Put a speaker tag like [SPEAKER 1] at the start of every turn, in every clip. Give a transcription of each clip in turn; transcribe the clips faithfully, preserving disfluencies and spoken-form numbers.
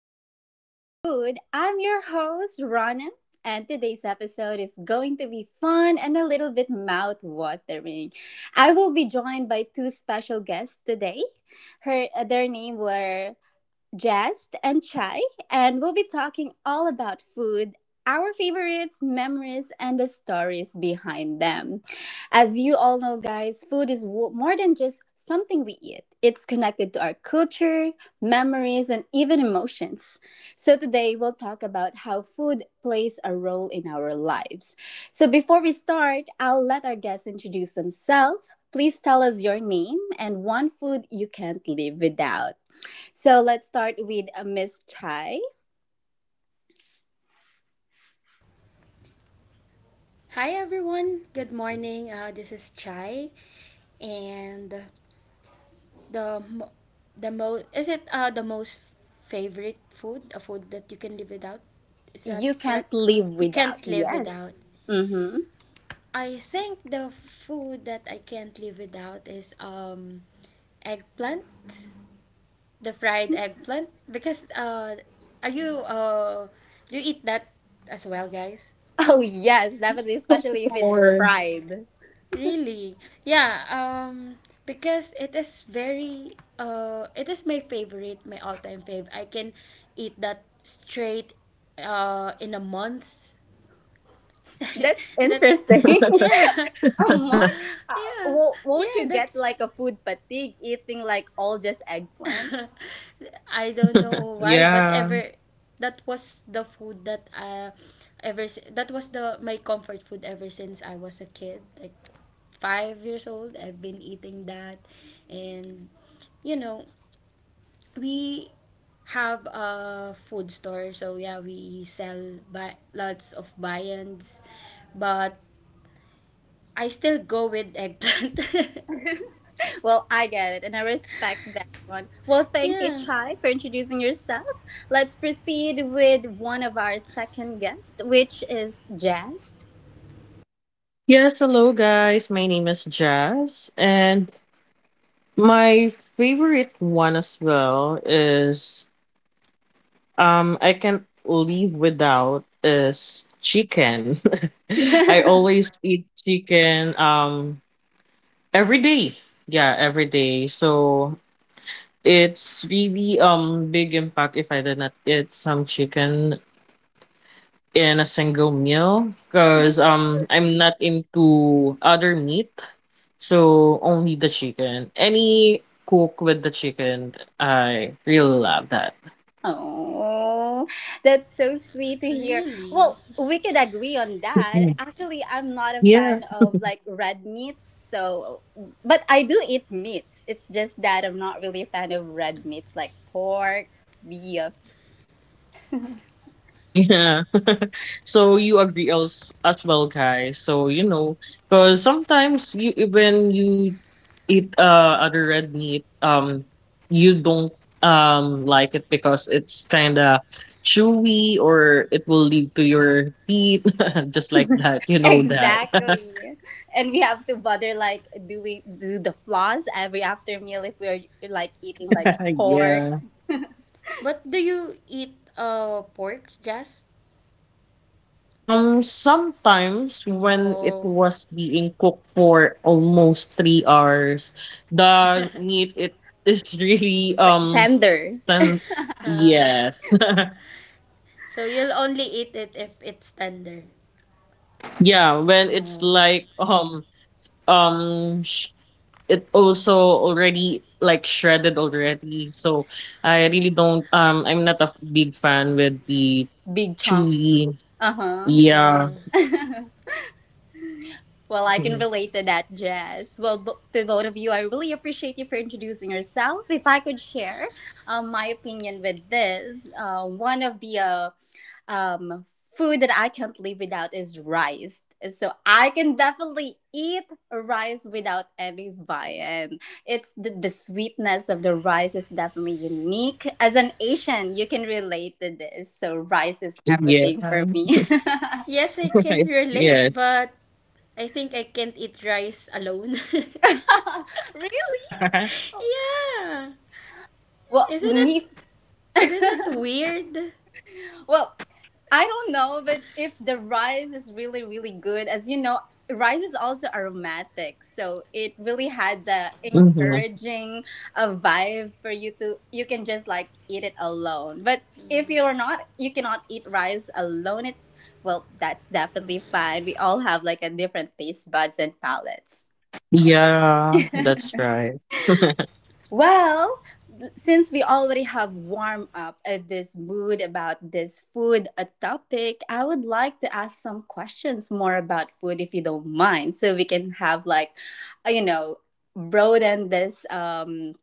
[SPEAKER 1] to Food and Mood. I'm your host, Ronan, and today's episode is going to be fun and a little bit mouth watering. I will be joined by two special guests today. Her, their name were Jazz and Chai, and we'll be talking all about food, our favorites, memories, and the stories behind them. As you all know, guys, food is wo- more than just something we eat. It's connected to our culture, memories, and even emotions. So today we'll talk about how food plays a role in our lives. So before we start, I'll let our guests introduce themselves. Please tell us your name and one food you can't live without. So let's start with uh, Miss Chai.
[SPEAKER 2] Hi everyone, good morning. Uh, this is Chai, and the mo- the most, is it uh, the most favorite food, a food that you can live without? Is
[SPEAKER 1] You
[SPEAKER 2] that correct?
[SPEAKER 1] can't live
[SPEAKER 2] You
[SPEAKER 1] without.
[SPEAKER 2] can't live
[SPEAKER 1] Yes.
[SPEAKER 2] without.
[SPEAKER 1] Mm-hmm.
[SPEAKER 2] I think the food that I can't live without is um eggplant, the fried eggplant. Because uh, are you uh do you eat that as well, guys?
[SPEAKER 1] Oh yes, definitely, especially if
[SPEAKER 3] Of
[SPEAKER 1] it's
[SPEAKER 3] course.
[SPEAKER 1] fried.
[SPEAKER 2] Really? Yeah, um because it is very uh it is my favorite, my all-time fave. I can eat that straight uh in a month.
[SPEAKER 1] That's
[SPEAKER 2] that
[SPEAKER 1] interesting.
[SPEAKER 2] yeah.
[SPEAKER 1] um, what? Uh,
[SPEAKER 2] Yeah.
[SPEAKER 1] wo- won't
[SPEAKER 2] Yeah,
[SPEAKER 1] you get
[SPEAKER 2] that's
[SPEAKER 1] like a food fatigue eating like all just eggplant?
[SPEAKER 2] I don't know why, but
[SPEAKER 3] Yeah.
[SPEAKER 2] ever that was the food that uh ever si- that was the my comfort food ever since I was a kid, like five years old. I've been eating that, and you know we have a food store, so yeah, we sell ba- lots of viands, but I still go with eggplant.
[SPEAKER 1] Well, I get it, and I respect that one. Well, thank you,
[SPEAKER 2] yeah,
[SPEAKER 1] Chai, for introducing yourself. Let's proceed with one of our second guests, which is Jazz.
[SPEAKER 3] Yes, hello guys. My name is Jazz and my favorite one as well is um I can't live without is chicken. I always eat chicken um every day. Yeah, every day. So it's really um big impact if I did not eat some chicken in a single meal because um I'm not into other meat, so only the chicken. Any cook with the chicken, I really love that.
[SPEAKER 1] Oh, that's so sweet to hear.
[SPEAKER 2] really.
[SPEAKER 1] Well, we could agree on
[SPEAKER 3] Mhm.
[SPEAKER 1] that. Actually, I'm not a
[SPEAKER 3] Yeah,
[SPEAKER 1] fan of like red meats, so but I do eat meats. It's just that I'm not really a fan of red meats like pork, beef.
[SPEAKER 3] yeah. So you agree else as well, guys. So, you know, because sometimes you when you eat uh other red meat, um, you don't um like it because it's kinda chewy or it will lead to your teeth, just like that. You know that.
[SPEAKER 1] Exactly. And we have to bother like do we do the floss every after meal if we're like eating like pork
[SPEAKER 3] Yeah.
[SPEAKER 2] But do you eat uh pork, Jazz?
[SPEAKER 3] Um, sometimes when it
[SPEAKER 2] Oh.
[SPEAKER 3] was being cooked for almost three hours, the meat it is really um
[SPEAKER 1] tender,
[SPEAKER 3] then
[SPEAKER 2] Uh,
[SPEAKER 3] yes.
[SPEAKER 2] so you'll only eat it if it's tender.
[SPEAKER 3] Yeah, when it's
[SPEAKER 2] Oh.
[SPEAKER 3] like um um sh- it also already like shredded already. So I really don't um I'm not a f- big fan with the
[SPEAKER 1] big chunk.
[SPEAKER 3] chewy.
[SPEAKER 1] Uh-huh.
[SPEAKER 3] Yeah.
[SPEAKER 2] Oh.
[SPEAKER 1] Well, I can relate to that, Jazz. Well, bo- to both of you, I really appreciate you for introducing yourself. If I could share um, my opinion with this, uh, one of the uh, um, food that I can't live without is rice. So I can definitely eat rice without any viand. It's the, the sweetness of the rice is definitely unique. As an Asian, you can relate to this. So rice is
[SPEAKER 3] Yeah.
[SPEAKER 1] everything for me.
[SPEAKER 2] Yes, I can
[SPEAKER 3] Yeah.
[SPEAKER 2] relate, but I think I can't eat rice alone.
[SPEAKER 1] Really?
[SPEAKER 2] yeah.
[SPEAKER 1] Well,
[SPEAKER 2] Isn't it
[SPEAKER 1] me
[SPEAKER 2] isn't it weird?
[SPEAKER 1] well, I don't know, but if the rice is really, really good, as you know, rice is also aromatic, so it really had the
[SPEAKER 3] Mhm.
[SPEAKER 1] encouraging uh, vibe for you to. You can just like eat it alone, but if you're not, you cannot eat rice alone. It's well, that's definitely fine. We all have like a different taste buds and palates.
[SPEAKER 3] Yeah, that's right.
[SPEAKER 1] Well, since we already have warmed up uh, this mood about this food a topic, I would like to ask some questions more about food if you don't mind, so we can have like, uh, you know, broaden this um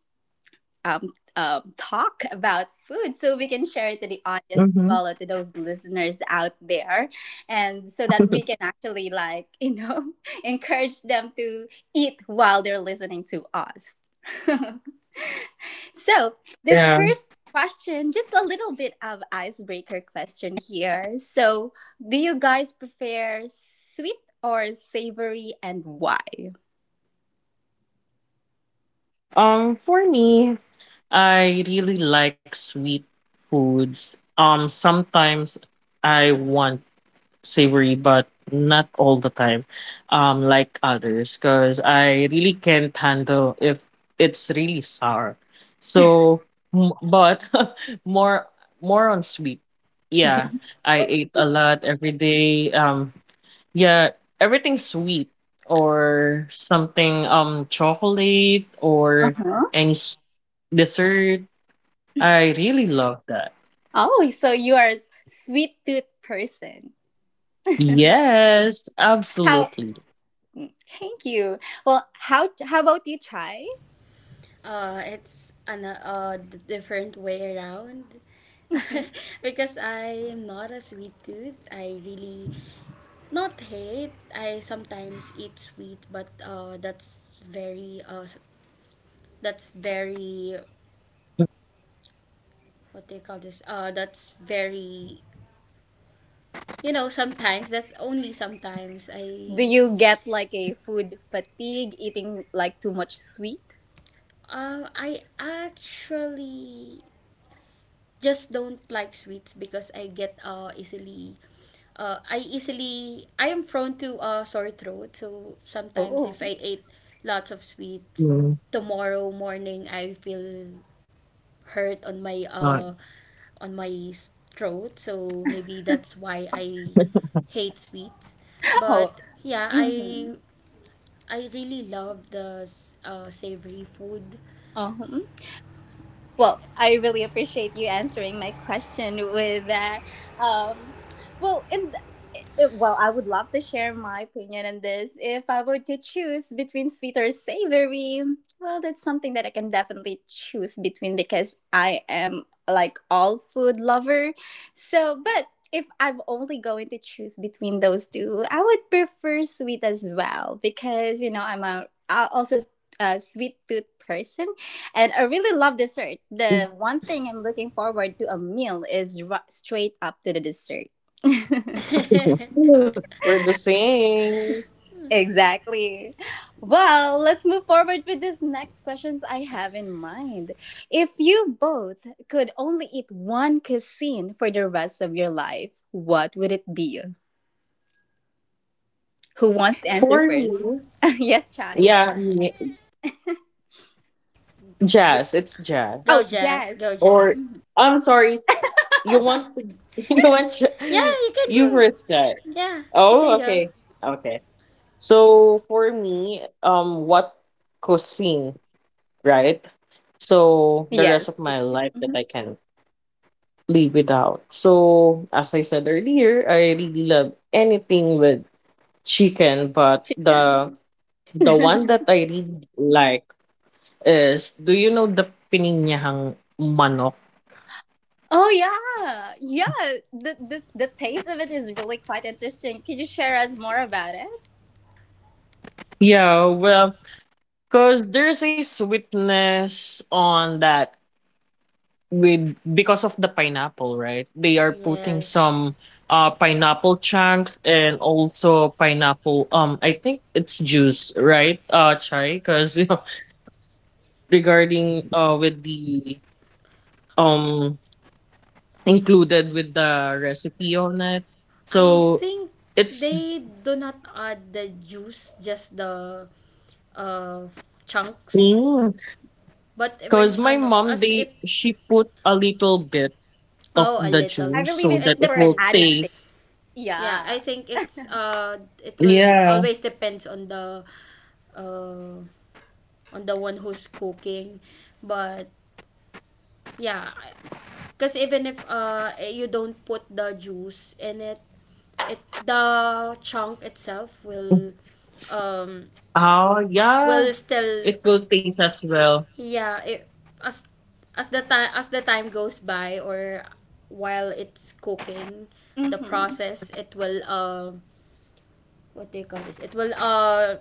[SPEAKER 1] um um talk about food, so we can share it to the audience as
[SPEAKER 3] Hmm.
[SPEAKER 1] well or to those listeners out there, and so that we can actually like you know encourage them to eat while they're listening to us. So the
[SPEAKER 3] Yeah.
[SPEAKER 1] first question, just a little bit of icebreaker question here. So do you guys prefer sweet or savory and why?
[SPEAKER 3] Um, for me, I really like sweet foods. Um, sometimes I want savory, but not all the time. Um, like others, because I really can't handle if it's really sour. So, m- but more more on sweet. Yeah, I ate a lot every day. Um, Yeah, everything sweet or something um chocolate or
[SPEAKER 1] Uh-huh.
[SPEAKER 3] any s- dessert. I really love that.
[SPEAKER 1] Oh, so you are a sweet tooth person.
[SPEAKER 3] Yes,
[SPEAKER 1] How
[SPEAKER 3] absolutely.
[SPEAKER 1] mm, Thank you. Well, how how about you try?
[SPEAKER 2] Uh, it's an uh, d- different way around. Because I'm not a sweet tooth. I really not hate. I sometimes eat sweet, but uh, that's very uh, s- that's very, what do you call this? Uh, that's very, you know, sometimes that's only sometimes
[SPEAKER 1] Do
[SPEAKER 2] I
[SPEAKER 1] you get like a food fatigue eating like too much sweet?
[SPEAKER 2] uh, I actually just don't like sweets because I get uh easily uh I easily I am prone to uh sore throat. So sometimes
[SPEAKER 1] Oh.
[SPEAKER 2] if I ate lots of sweets,
[SPEAKER 3] Mm,
[SPEAKER 2] tomorrow morning I feel hurt on my
[SPEAKER 3] uh,
[SPEAKER 2] uh on my s- throat. So maybe that's why I hate sweets.
[SPEAKER 1] Oh.
[SPEAKER 2] But yeah I
[SPEAKER 1] Mm-hmm.
[SPEAKER 2] I really love the s- uh savory food.
[SPEAKER 1] Oh. Well, I really appreciate you answering my question with that. Um, well, and it- well, I would love to share my opinion on this. If I were to choose between sweet or savory, well, that's something that I can definitely choose between because I am like all food lover. So but if I'm only going to choose between those two, I would prefer sweet as well because you know I'm a I also a sweet tooth person. And I really love dessert. The one thing I'm looking forward to a meal is ri- straight up to the dessert.
[SPEAKER 3] we're the same.
[SPEAKER 1] Exactly. Well, let's move forward with this next questions I have in mind. If you both could only eat one cuisine for the rest of your life, what would it be? Who wants to answer
[SPEAKER 3] For
[SPEAKER 1] first?
[SPEAKER 3] me,
[SPEAKER 1] Yes, Chai?
[SPEAKER 3] yeah, me-
[SPEAKER 2] G-
[SPEAKER 3] jazz. It's
[SPEAKER 1] Oh,
[SPEAKER 2] Go
[SPEAKER 3] jazz.
[SPEAKER 2] Jess,
[SPEAKER 1] Jazz.
[SPEAKER 2] go Jess.
[SPEAKER 3] Or
[SPEAKER 1] Mhm.
[SPEAKER 3] I'm sorry, you want you want
[SPEAKER 2] Yeah,
[SPEAKER 3] j-
[SPEAKER 2] you can
[SPEAKER 3] you
[SPEAKER 2] go.
[SPEAKER 3] first guy.
[SPEAKER 2] Yeah, you can
[SPEAKER 3] Oh,
[SPEAKER 2] go.
[SPEAKER 3] okay, okay. So for me, um, what cuisine, right?
[SPEAKER 1] Yes.
[SPEAKER 3] So the rest of
[SPEAKER 1] Mhm.
[SPEAKER 3] my life that I can live without. So as I said earlier, I really love anything with chicken, but
[SPEAKER 1] She can.
[SPEAKER 3] the the one that I really like is do you know the pininyahang manok?
[SPEAKER 1] Oh yeah, yeah. The, the the taste of it is really quite interesting. Could you share us more about it?
[SPEAKER 3] Yeah, well, because there's a sweetness on that with because of the pineapple, right? They are putting
[SPEAKER 2] Yes.
[SPEAKER 3] some uh pineapple chunks and also pineapple um I think it's juice, right? Uh chai because you know regarding uh with the um included with the recipe on it.
[SPEAKER 2] I
[SPEAKER 3] So
[SPEAKER 2] think
[SPEAKER 3] it's
[SPEAKER 2] they do not add the juice, just the uh, chunks.
[SPEAKER 3] because
[SPEAKER 2] But when
[SPEAKER 3] my
[SPEAKER 2] ano,
[SPEAKER 3] mom
[SPEAKER 2] as
[SPEAKER 3] they
[SPEAKER 2] it.
[SPEAKER 3] she put a little bit of
[SPEAKER 2] Oh, a
[SPEAKER 3] the
[SPEAKER 2] little.
[SPEAKER 1] I
[SPEAKER 3] juice
[SPEAKER 1] believe
[SPEAKER 3] so that
[SPEAKER 1] it's
[SPEAKER 2] It
[SPEAKER 3] it
[SPEAKER 1] for
[SPEAKER 3] will
[SPEAKER 2] depends.
[SPEAKER 1] added taste.
[SPEAKER 3] taste
[SPEAKER 2] Yeah, I
[SPEAKER 1] Yeah.
[SPEAKER 2] think it's uh it will
[SPEAKER 3] yeah.
[SPEAKER 2] always depends on the uh on the one who's cooking. But yeah, because even if uh eh, you don't put the juice in it, it the chunk itself will um
[SPEAKER 3] Oh, yeah.
[SPEAKER 2] will still,
[SPEAKER 3] It will taste as well.
[SPEAKER 2] yeah, it, as as the time as the time goes by, or while it's cooking the
[SPEAKER 1] Mm-hmm.
[SPEAKER 2] process, it will uh what do you call this, it will uh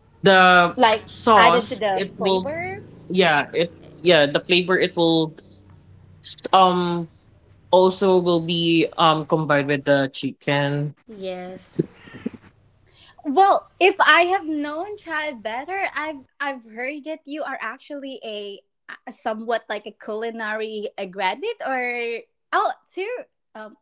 [SPEAKER 1] Like
[SPEAKER 3] The
[SPEAKER 1] added to the
[SPEAKER 3] sauce it
[SPEAKER 1] flavor.
[SPEAKER 3] will, yeah it, yeah the flavor it will s- um also will be um combined with the chicken.
[SPEAKER 2] yes.
[SPEAKER 1] Well, if I have known chai better, I've I've heard that you are actually a, a somewhat like a culinary a graduate or oh too. Um,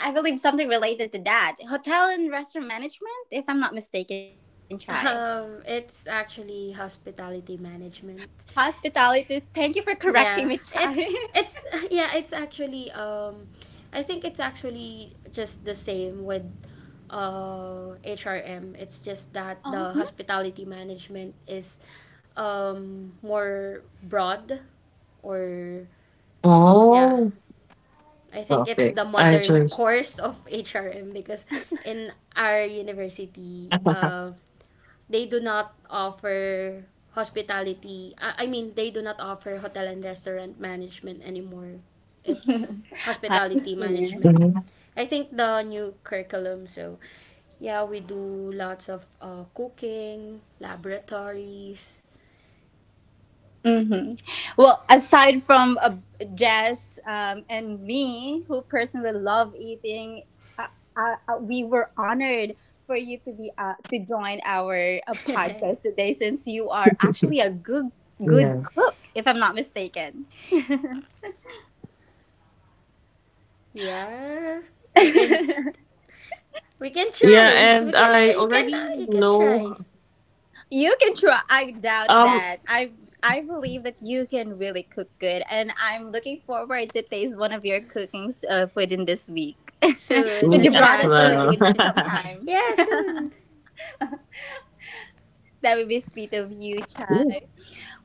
[SPEAKER 1] I believe something related to that hotel and restaurant management, if I'm not mistaken, chai.
[SPEAKER 2] um It's actually hospitality management.
[SPEAKER 1] Hospitality. Thank you for correcting me,
[SPEAKER 2] Yeah,
[SPEAKER 1] Chai.
[SPEAKER 2] it's it's yeah, it's actually um I think it's actually just the same with uh H R M. It's just
[SPEAKER 1] Oh,
[SPEAKER 2] that the hospitality management is um more broad or yeah.
[SPEAKER 3] Oh,
[SPEAKER 2] I think it's
[SPEAKER 3] okay,
[SPEAKER 2] the
[SPEAKER 3] I
[SPEAKER 2] modern
[SPEAKER 3] just
[SPEAKER 2] course of H R M because in our university uh they do not offer hospitality. I I mean, they do not offer hotel and restaurant management anymore.
[SPEAKER 1] hmm.
[SPEAKER 2] It's
[SPEAKER 1] I
[SPEAKER 2] hospitality
[SPEAKER 1] see.
[SPEAKER 2] management.
[SPEAKER 3] Mhm.
[SPEAKER 2] I think the new curriculum. So, yeah, we do lots of uh, cooking, laboratories.
[SPEAKER 1] Hmm. Well, aside from uh, Jess um, and me, who personally love eating, uh, uh, uh, we were honored for you to be uh, to join our uh, podcast today, since you are actually a good
[SPEAKER 3] Yeah,
[SPEAKER 1] good cook, if I'm not mistaken.
[SPEAKER 2] Yeah, we can we can
[SPEAKER 3] yeah,
[SPEAKER 2] try. We
[SPEAKER 3] and
[SPEAKER 2] can
[SPEAKER 3] I
[SPEAKER 2] you can,
[SPEAKER 3] already
[SPEAKER 2] you can
[SPEAKER 3] know
[SPEAKER 2] try
[SPEAKER 1] You can try. I doubt
[SPEAKER 3] um
[SPEAKER 1] that. I I believe that you can really cook good, and I'm looking forward to taste one of your cookings uh, within this week.
[SPEAKER 2] soon.
[SPEAKER 1] Could
[SPEAKER 3] me
[SPEAKER 1] you
[SPEAKER 3] as
[SPEAKER 1] brought
[SPEAKER 2] Yeah,
[SPEAKER 1] us some
[SPEAKER 3] well.
[SPEAKER 2] soon.
[SPEAKER 1] food sometime?
[SPEAKER 2] yeah,
[SPEAKER 1] That
[SPEAKER 2] soon.
[SPEAKER 1] would be sweet of you, Chai.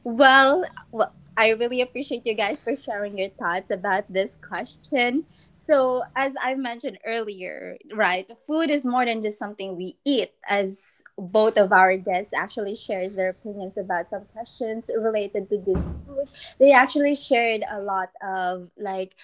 [SPEAKER 1] Well, well, I really appreciate you guys for sharing your thoughts about this question. So, as I mentioned earlier, right, food is more than just something we eat, as both of our guests actually shares their opinions about some questions related to this food. They actually shared a lot of like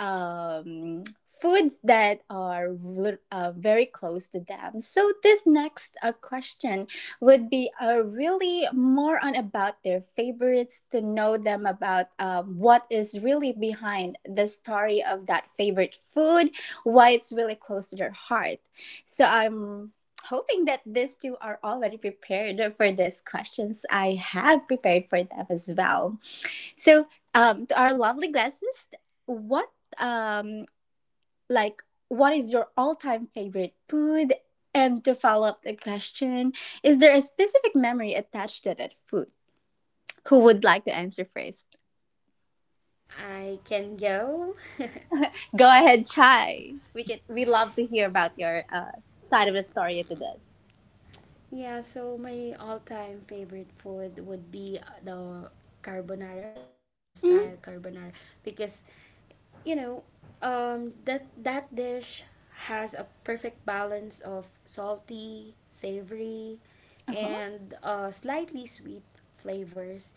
[SPEAKER 1] um foods that are rel- uh, very close to them. So this next uh, question would be uh, really more on about their favorites, to know them about um, what is really behind the story of that favorite food, why it's really close to their heart. So I'm hoping that these two are already prepared for these questions I have prepared for them as well. So um, to our lovely glasses, what um, like what is your all-time favorite food, and to follow up the question, is there a specific memory attached to that food? Who would like to answer first?
[SPEAKER 2] I can go.
[SPEAKER 1] Go ahead, chai. We can we love to hear about your uh, side of the story to this.
[SPEAKER 2] Yeah, so my all-time favorite food would be uh, the carbonara, the Filipino
[SPEAKER 1] Mm,
[SPEAKER 2] style carbonara, because you know, um, that that dish has a perfect balance of salty, savory, and uh, slightly sweet flavors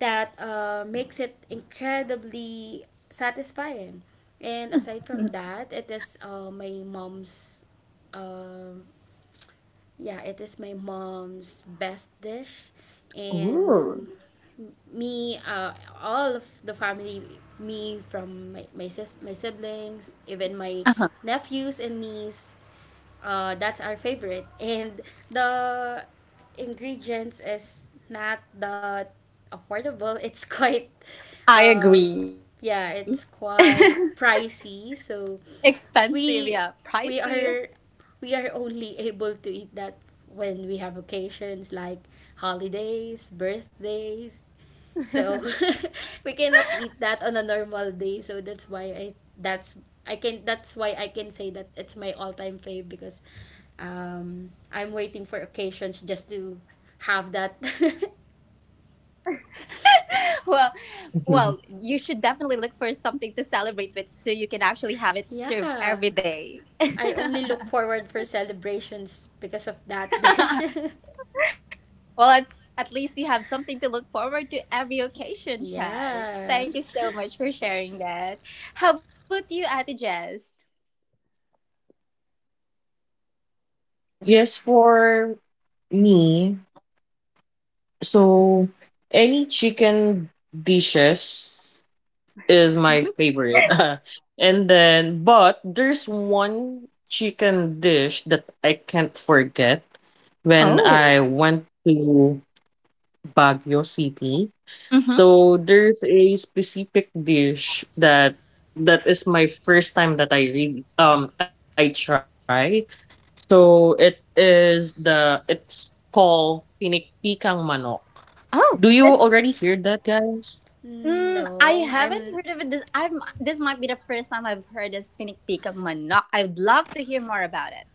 [SPEAKER 2] that uh, makes it incredibly satisfying. And aside from
[SPEAKER 1] uh-huh.
[SPEAKER 2] that, it is uh, my mom's um yeah, it is my mom's best dish, and
[SPEAKER 1] Ooh.
[SPEAKER 2] me, uh, all of the family, me from my my, sis- my siblings, even
[SPEAKER 1] Uh-huh.
[SPEAKER 2] my nephews and niece, uh, that's our favorite. And the ingredients is not that affordable. It's quite,
[SPEAKER 1] I
[SPEAKER 2] uh,
[SPEAKER 1] agree.
[SPEAKER 2] yeah, it's quite pricey. So
[SPEAKER 1] Expensive, yeah,
[SPEAKER 2] we
[SPEAKER 1] pricey.
[SPEAKER 2] we are we are only able to eat that when we have occasions like holidays, birthdays, so we cannot eat that on a normal day. So that's why I that's I can, that's why I can say that it's my all-time fave because um I'm waiting for occasions just to have that.
[SPEAKER 1] Well,
[SPEAKER 3] Yeah.
[SPEAKER 1] well, you should definitely look for something to celebrate with so you can actually have it
[SPEAKER 2] yeah.
[SPEAKER 1] served every day.
[SPEAKER 2] I only look forward for celebrations because of that dish.
[SPEAKER 1] Well, it's at least you have something to look forward to every occasion, Chai.
[SPEAKER 2] yeah.
[SPEAKER 1] Thank you so much for sharing that. How about you at jess?
[SPEAKER 3] Yes, for me, so any chicken dishes is my favorite. And then, but there's one chicken dish that I can't forget when
[SPEAKER 1] Oh,
[SPEAKER 3] I went to Baguio City.
[SPEAKER 1] mm-hmm.
[SPEAKER 3] So there's a specific dish that that is my first time that I read um I try. So it is the it's called pinikpikang manok. Do you
[SPEAKER 1] Oh,
[SPEAKER 3] already hear
[SPEAKER 1] that's
[SPEAKER 3] that, guys?
[SPEAKER 1] mm, I
[SPEAKER 2] No,
[SPEAKER 1] haven't
[SPEAKER 2] I'm.
[SPEAKER 1] heard of it. This I'm this might be the first time I've heard of spinning peak of manok. I'd love to hear more about it.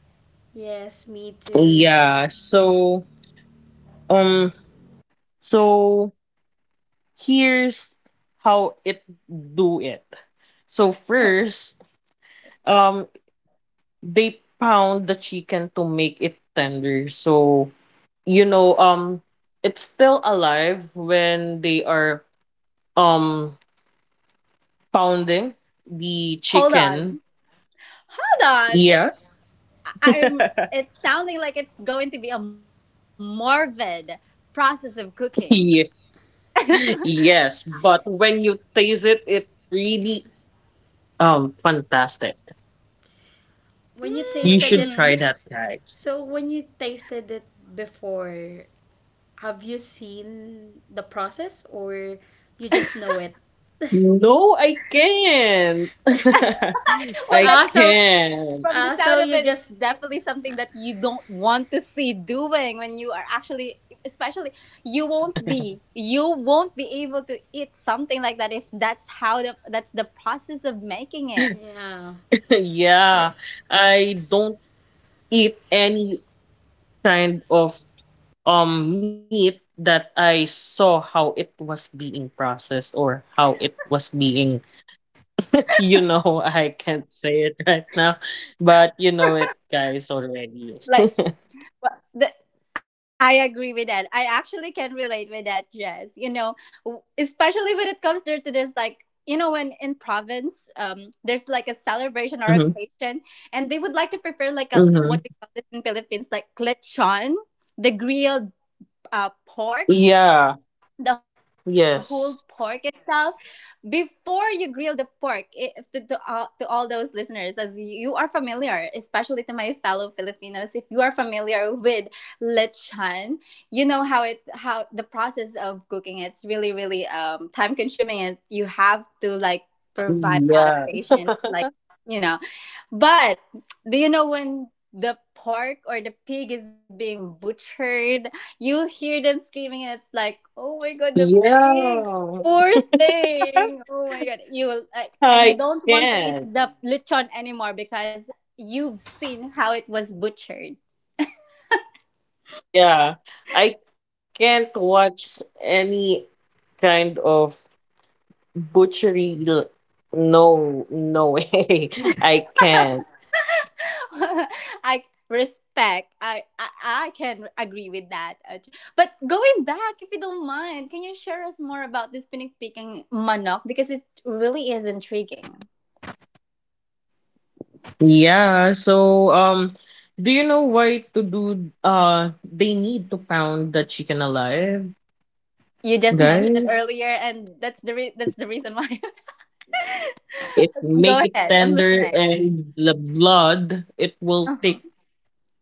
[SPEAKER 2] Yes, me too.
[SPEAKER 3] Yeah. So um so here's how it do it. So
[SPEAKER 1] Okay.
[SPEAKER 3] first, um, they pound the chicken to make it tender. So you know, um, it's still alive when they are um pounding the
[SPEAKER 1] Hold on.
[SPEAKER 3] chicken.
[SPEAKER 1] Hold on.
[SPEAKER 3] Yeah.
[SPEAKER 1] I- I'm it's sounding like it's going to be a morbid process of cooking.
[SPEAKER 3] Yeah. Yes, but when you taste it, it really um fantastic.
[SPEAKER 2] When you
[SPEAKER 1] Hmm.
[SPEAKER 3] You
[SPEAKER 2] tasted
[SPEAKER 3] should
[SPEAKER 2] it,
[SPEAKER 3] try that, guys.
[SPEAKER 2] so when you tasted it before, have you seen the process, or you just know it?
[SPEAKER 3] No, I can't.
[SPEAKER 1] Well,
[SPEAKER 3] I
[SPEAKER 1] that's
[SPEAKER 2] Ah, so
[SPEAKER 3] can't.
[SPEAKER 1] from the
[SPEAKER 2] ah,
[SPEAKER 1] sound
[SPEAKER 2] so
[SPEAKER 1] of
[SPEAKER 2] you
[SPEAKER 1] it, it's
[SPEAKER 2] just
[SPEAKER 1] definitely something that you don't want to see doing when you are actually, especially,
[SPEAKER 3] Mm.
[SPEAKER 1] you won't be, you won't be able to eat something like that if that's how the, that's the process of making it.
[SPEAKER 2] yeah. J-
[SPEAKER 3] Yeah,
[SPEAKER 2] ah,
[SPEAKER 3] I don't eat any kind of um meat that I saw how it was being processed or how it was being, you know, I can't say it right now, but you know it, guys already.
[SPEAKER 1] Like, well, the, I agree with that. I actually can relate with that, Jess. You know, w- especially when it comes there to this, like, you know, when in province, um, there's like a celebration
[SPEAKER 3] Mm-hmm,
[SPEAKER 1] or occasion, and they would like to prepare like a
[SPEAKER 3] mm-hmm.
[SPEAKER 1] what we call this in Philippines, like lechon, the grilled uh, pork,
[SPEAKER 3] Yeah,
[SPEAKER 1] the whole pork
[SPEAKER 3] yes.
[SPEAKER 1] itself. Before you grill the pork, i- if to, to, all, to all those listeners as you are familiar, especially to my fellow filipinos, if you are familiar with lechon, you know how it how the process of cooking it's really really um time consuming, and you have to like provide a lot of
[SPEAKER 3] Yeah.
[SPEAKER 1] patience, like you know. But do you know when the pork or the pig is being butchered, you hear them screaming, and it's like oh my god, the pig.
[SPEAKER 3] Yeah.
[SPEAKER 1] Poor thing. Oh my god. You will like and you
[SPEAKER 3] I
[SPEAKER 1] don't want to eat
[SPEAKER 3] can't.
[SPEAKER 1] the lechon anymore because you've seen how it was butchered.
[SPEAKER 3] Yeah. I can't watch any kind of butchery. l- No, no, way. I can't.
[SPEAKER 1] I respect. I, I I can agree with that. Aj. But going back, if you don't mind, can you share us more about this pinning picking manok because it really is intriguing.
[SPEAKER 3] Yeah. So, um, do you know why to do uh they need to pound the chicken alive,
[SPEAKER 1] You just mentioned it
[SPEAKER 3] guys?
[SPEAKER 1] earlier, and that's the re- that's the reason why.
[SPEAKER 3] It make
[SPEAKER 1] Go
[SPEAKER 3] it
[SPEAKER 1] ahead. I'm
[SPEAKER 3] tender
[SPEAKER 1] listening.
[SPEAKER 3] and the blood it will
[SPEAKER 1] Uh-huh.
[SPEAKER 3] stick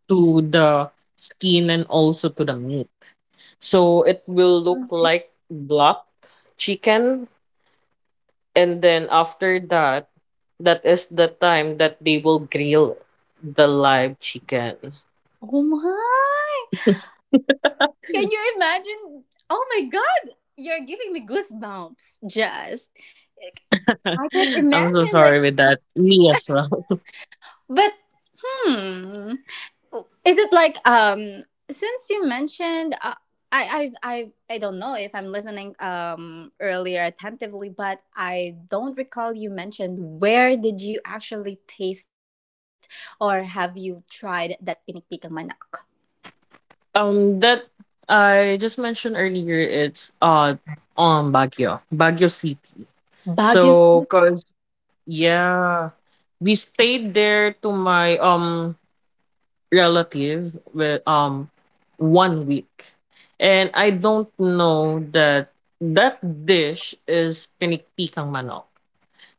[SPEAKER 3] to the skin and also to the meat. So it will look like block chicken and then after that that is the time that they will grill the live chicken.
[SPEAKER 1] Oh my! Can you imagine? Oh my god, you're giving me goosebumps. Just like, I could
[SPEAKER 3] I'm so
[SPEAKER 1] imagine like
[SPEAKER 3] sorry with that. Me as well.
[SPEAKER 1] but hmm is it like um since you mentioned uh, I, I I I don't know if I'm listening um earlier attentively, but I don't recall you mentioned where did you actually taste or have you tried that pinikpikan manok?
[SPEAKER 3] Um that I just mentioned earlier it's uh on Baguio, Baguio City.
[SPEAKER 1] Baguio.
[SPEAKER 3] So cause yeah, we stayed there to my um relative with um one week. And I don't know that that dish is pinikpikang manok.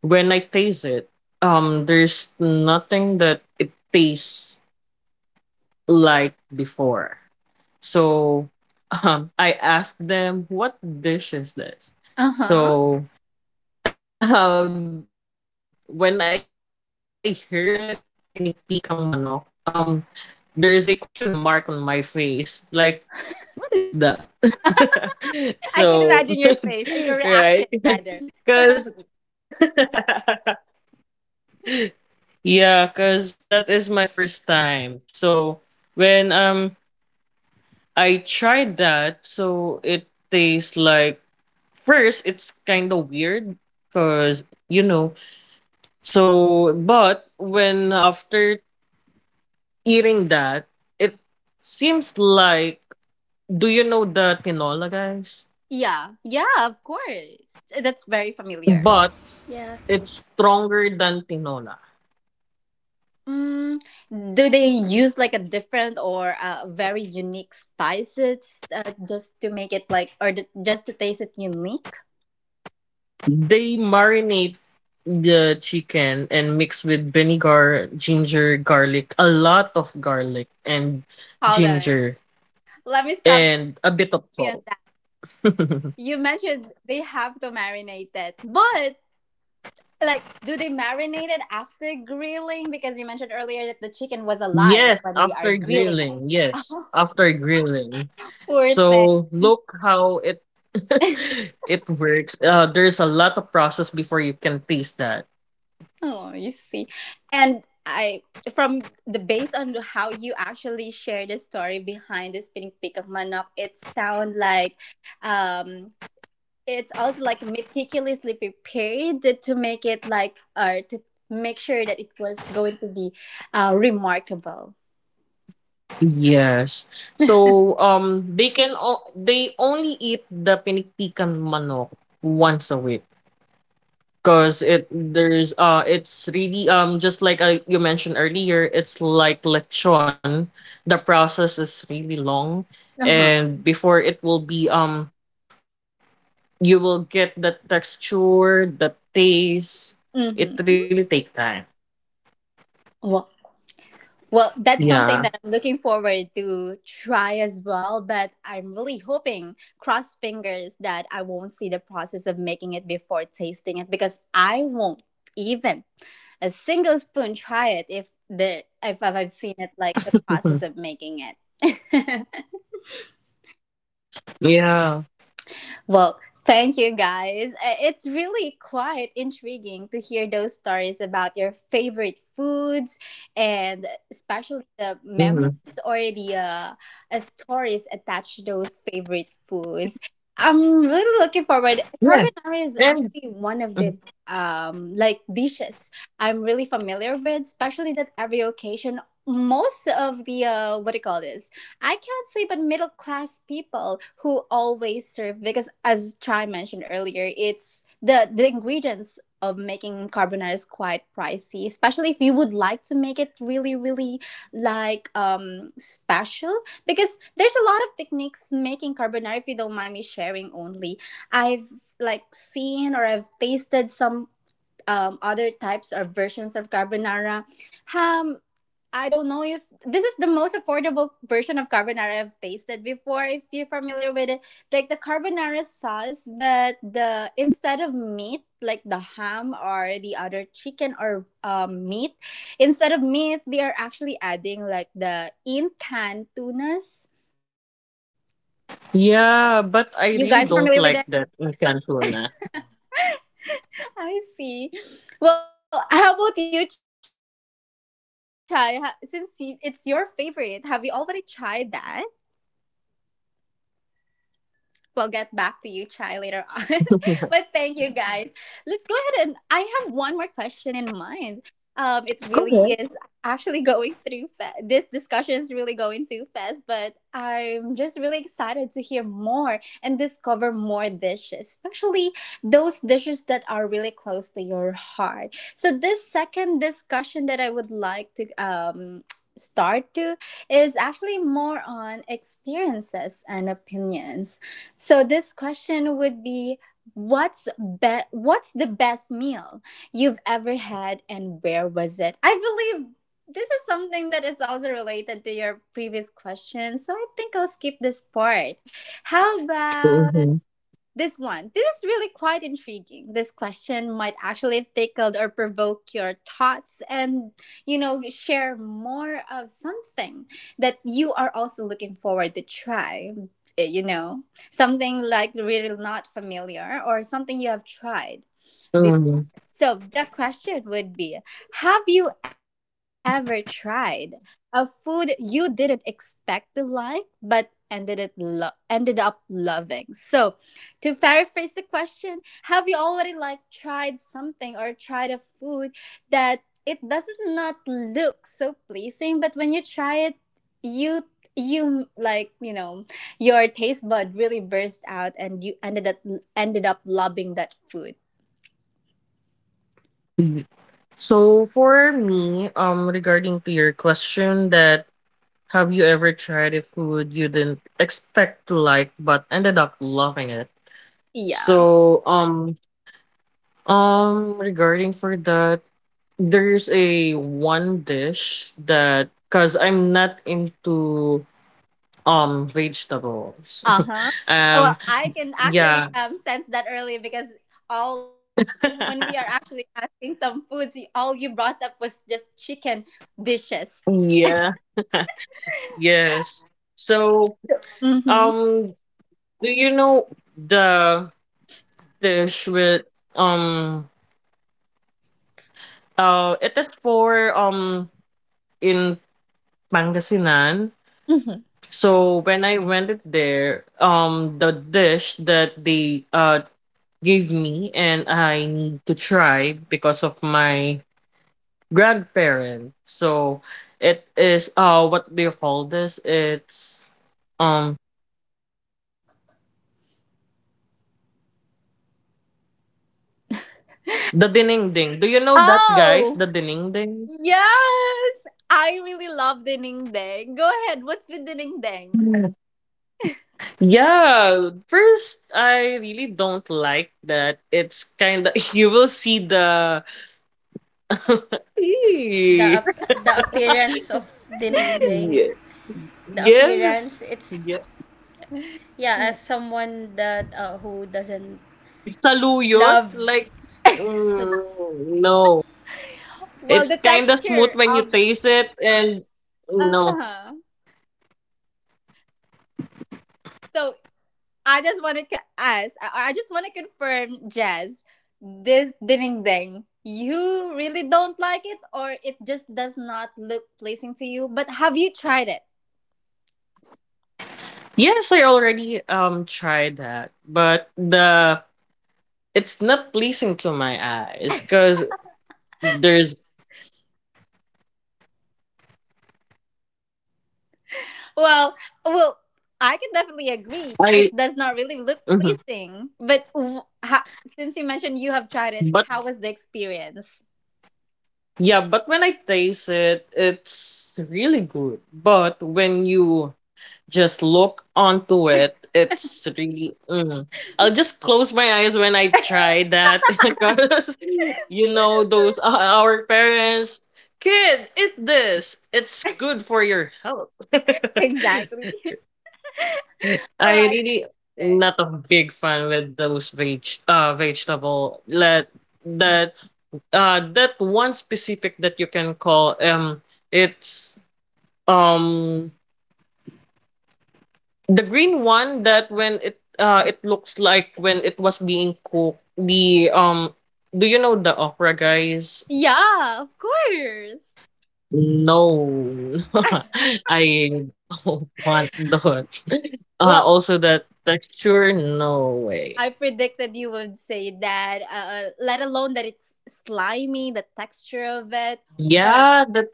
[SPEAKER 3] When I taste it, um there's nothing that it tastes like before. So um I asked them what dish is this?
[SPEAKER 1] Uh-huh.
[SPEAKER 3] So uh, when I heard it, pinikpikang manok, um there is a question mark on my face. Like, what is that?
[SPEAKER 1] I can
[SPEAKER 3] So,
[SPEAKER 1] imagine your face or your reaction,
[SPEAKER 3] right?
[SPEAKER 1] rather.
[SPEAKER 3] Because, yeah, because my first time. So, when um I tried that, so it tastes like, first, it's kind of weird because, you know, so, but when after eating that, it seems like do you know the tinola, guys?
[SPEAKER 1] Yeah, yeah, of course. That's very familiar.
[SPEAKER 2] yes.
[SPEAKER 3] But it's stronger than tinola.
[SPEAKER 1] Mm, do they use like a different or a very unique spices uh, just to make it like, or th- just to taste it unique?
[SPEAKER 3] They marinate the chicken and mix with vinegar, ginger, garlic, a lot of garlic and
[SPEAKER 1] Hold on.
[SPEAKER 3] ginger,
[SPEAKER 1] Let me stop you on
[SPEAKER 3] and
[SPEAKER 1] that.
[SPEAKER 3] a bit of salt.
[SPEAKER 1] You mentioned they have to marinate it, but like, do they marinate it after grilling? Because you mentioned earlier that the chicken was alive
[SPEAKER 3] Yes,
[SPEAKER 1] when they are
[SPEAKER 3] after
[SPEAKER 1] grilling
[SPEAKER 3] grilling.
[SPEAKER 1] it.
[SPEAKER 3] Yes, after grilling.
[SPEAKER 1] Poor thing.
[SPEAKER 3] So look how it it works. Uh, there's a lot of process before you can taste that.
[SPEAKER 1] Oh, you see. And I from the based on how you actually share the story behind the spinning peak of Manok, it sound like um it's also like meticulously prepared to make it like or to make sure that it was going to be uh remarkable.
[SPEAKER 3] Yes. So, um, they can o- they only eat the pinikpikan manok once a week because it there's uh it's really um just like, uh, you mentioned earlier, it's like lechon. The process is really long,
[SPEAKER 1] Uh-huh.
[SPEAKER 3] and before it will be um you will get the texture, the taste.
[SPEAKER 1] Mm-hmm.
[SPEAKER 3] It really take time.
[SPEAKER 1] Well, that's
[SPEAKER 3] Yeah.
[SPEAKER 1] something that I'm looking forward to try as well, but I'm really hoping, cross fingers, that I won't see the process of making it before tasting it because I won't even a single spoon try it if the if I've seen it like the process of making it.
[SPEAKER 3] Yeah.
[SPEAKER 1] Well, thank you guys. Uh, It's really quite intriguing to hear those stories about your favorite foods and especially the
[SPEAKER 3] Mhm.
[SPEAKER 1] memories or the uh, uh, stories attached to those favorite foods. I'm really looking forward.
[SPEAKER 3] Yeah.
[SPEAKER 1] Carbonara is
[SPEAKER 3] And mm-hmm.
[SPEAKER 1] actually one of the um like dishes I'm really familiar with, especially that every occasion most of the uh what do you call this? I can't say, but middle class people who always serve because, as Chai mentioned earlier, it's the the ingredients of making carbonara is quite pricey, especially if you would like to make it really, really like um special. Because there's a lot of techniques making carbonara. If you don't mind me sharing, only I've like seen or I've tasted some um, other types or versions of carbonara. Um, I don't know if this is the most affordable version of carbonara I've tasted before. If you're familiar with it, like the carbonara sauce, but the instead of meat, like the ham or the other chicken or um, meat, instead of meat, they are actually adding like the in can tunas.
[SPEAKER 3] Yeah,
[SPEAKER 1] You
[SPEAKER 3] but
[SPEAKER 1] guys are
[SPEAKER 3] I really
[SPEAKER 1] familiar with
[SPEAKER 3] don't
[SPEAKER 1] it?
[SPEAKER 3] like that in Cantuana.
[SPEAKER 1] I see. Well, how about you, Chai? Ha- Since y- it's your favorite, have you already tried that? We'll get back to you, Chai, later on. But thank you guys. Let's go ahead and I have one more question in mind. Um, it
[SPEAKER 3] Go
[SPEAKER 1] really
[SPEAKER 3] ahead.
[SPEAKER 1] is actually going through fa- this discussion is really going too fast, but I'm just really excited to hear more and discover more dishes, especially those dishes that are really close to your heart. So this second discussion that I would like to um start to is actually more on experiences and opinions. So this question would be what's be- what's the best meal you've ever had and where was it? I believe this is something that is also related to your previous question, so I think I'll skip this part. How about
[SPEAKER 3] Mhm.
[SPEAKER 1] this one. This is really quite intriguing. This question might actually tickle or provoke your thoughts and, you know, share more of something that you are also looking forward to try. eh, You know, something like really not familiar or something you have tried,
[SPEAKER 3] Mhm.
[SPEAKER 1] so the question would be, have you ever tried a food you didn't expect to like but ended it lo- ended up loving? So to paraphrase the question, have you already like tried something or tried a food that it doesn't not look so pleasing but when you try it you you like, you know your taste bud really burst out and you ended up ended up loving that food.
[SPEAKER 3] Mhm. So for me, um, regarding to your question that have you ever tried a food you didn't expect to like but ended up loving it?
[SPEAKER 1] Yeah.
[SPEAKER 3] So um um regarding for that, there's a one dish that because I'm not into um vegetables.
[SPEAKER 1] Uh-huh. Oh, well,
[SPEAKER 3] um
[SPEAKER 1] I can actually
[SPEAKER 3] yeah.
[SPEAKER 1] um sense that early because all when we are actually asking some foods, you- all you brought up was just chicken dishes.
[SPEAKER 3] Yeah. Yes. So,
[SPEAKER 1] Mm-hmm.
[SPEAKER 3] um, do you know the dish with um uh it is for um in Pangasinan.
[SPEAKER 1] Mm-hmm.
[SPEAKER 3] So when I went it there, um the dish that they uh gave me and I need to try because of my grandparent. So it is uh what do you call this? It's um the dining ding. Do you know that, guys?
[SPEAKER 1] Oh,
[SPEAKER 3] The Dinengding?
[SPEAKER 1] yes. I really love the ding dang. Go ahead. What's with the ding dang?
[SPEAKER 3] Mm. Yeah. First, I really don't like that. It's kind of you will see the
[SPEAKER 2] The
[SPEAKER 3] Ee.
[SPEAKER 2] ap- the appearance of ding, the
[SPEAKER 3] Ye- yes.
[SPEAKER 2] appearance, it's
[SPEAKER 3] Yeah.
[SPEAKER 2] yeah, as someone that uh, who doesn't
[SPEAKER 3] With saluyot,
[SPEAKER 2] love
[SPEAKER 3] like,
[SPEAKER 2] who,
[SPEAKER 3] mm, no.
[SPEAKER 1] Well,
[SPEAKER 3] It's
[SPEAKER 1] the
[SPEAKER 3] kind of smooth
[SPEAKER 1] texture
[SPEAKER 3] when you
[SPEAKER 1] of
[SPEAKER 3] taste it and
[SPEAKER 1] uh huh.
[SPEAKER 3] no.
[SPEAKER 1] So I just want to co- ask. I, I just want to confirm, Jazz. This ding ding. You really don't like it, or it just does not look pleasing to you. But have you tried it?
[SPEAKER 3] Yes, I already um tried that, but the it's not pleasing to my eyes because there's
[SPEAKER 1] Well, well, I can definitely agree. It
[SPEAKER 3] I.
[SPEAKER 1] does not really look
[SPEAKER 3] Mhm.
[SPEAKER 1] pleasing. But w- ha- since you mentioned you have tried it,
[SPEAKER 3] But
[SPEAKER 1] how was the experience?
[SPEAKER 3] yeah, but when I taste it, it's really good. But when you just look onto it, it's really, mm. I'll just close my eyes when I try that because you know those uh, our parents kid eat this, it's good for your health.
[SPEAKER 1] Exactly. Oh,
[SPEAKER 3] I
[SPEAKER 1] I
[SPEAKER 3] really
[SPEAKER 1] get it.
[SPEAKER 3] not a big fan with those veg uh vegetable, let that, uh that one specific that you can call, um it's, um the green one that when it, uh it looks like when it was being cooked the, um do you know the okra, guys?
[SPEAKER 1] Yeah, of course.
[SPEAKER 3] No. I don't want that. uh
[SPEAKER 1] Well,
[SPEAKER 3] also that texture, no way,
[SPEAKER 1] I predicted you would say that, uh, let alone that it's slimy, the texture of it. But,
[SPEAKER 3] yeah that.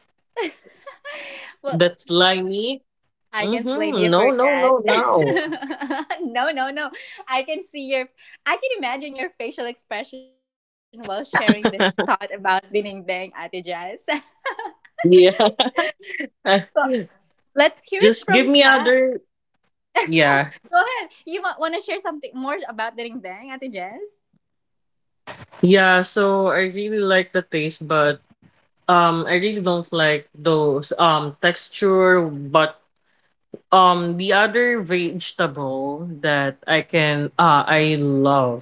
[SPEAKER 1] well,
[SPEAKER 3] That's slimy.
[SPEAKER 1] I can't blame
[SPEAKER 3] Mm-hmm.
[SPEAKER 1] you for
[SPEAKER 3] No, no,
[SPEAKER 1] that.
[SPEAKER 3] no, no.
[SPEAKER 1] No, no, no. I can see your, I can imagine your facial expression while sharing this thought about Binimbing, Ate Jazz.
[SPEAKER 3] Yeah.
[SPEAKER 1] Well, let's hear it from
[SPEAKER 3] Just give me
[SPEAKER 1] Chad.
[SPEAKER 3] other. Yeah.
[SPEAKER 1] Go ahead. You want to share something more about Binimbing, Ate Jazz?
[SPEAKER 3] Yeah. So I really like the taste, but um, I really don't like those um texture. But um, the other vegetable that I can uh I love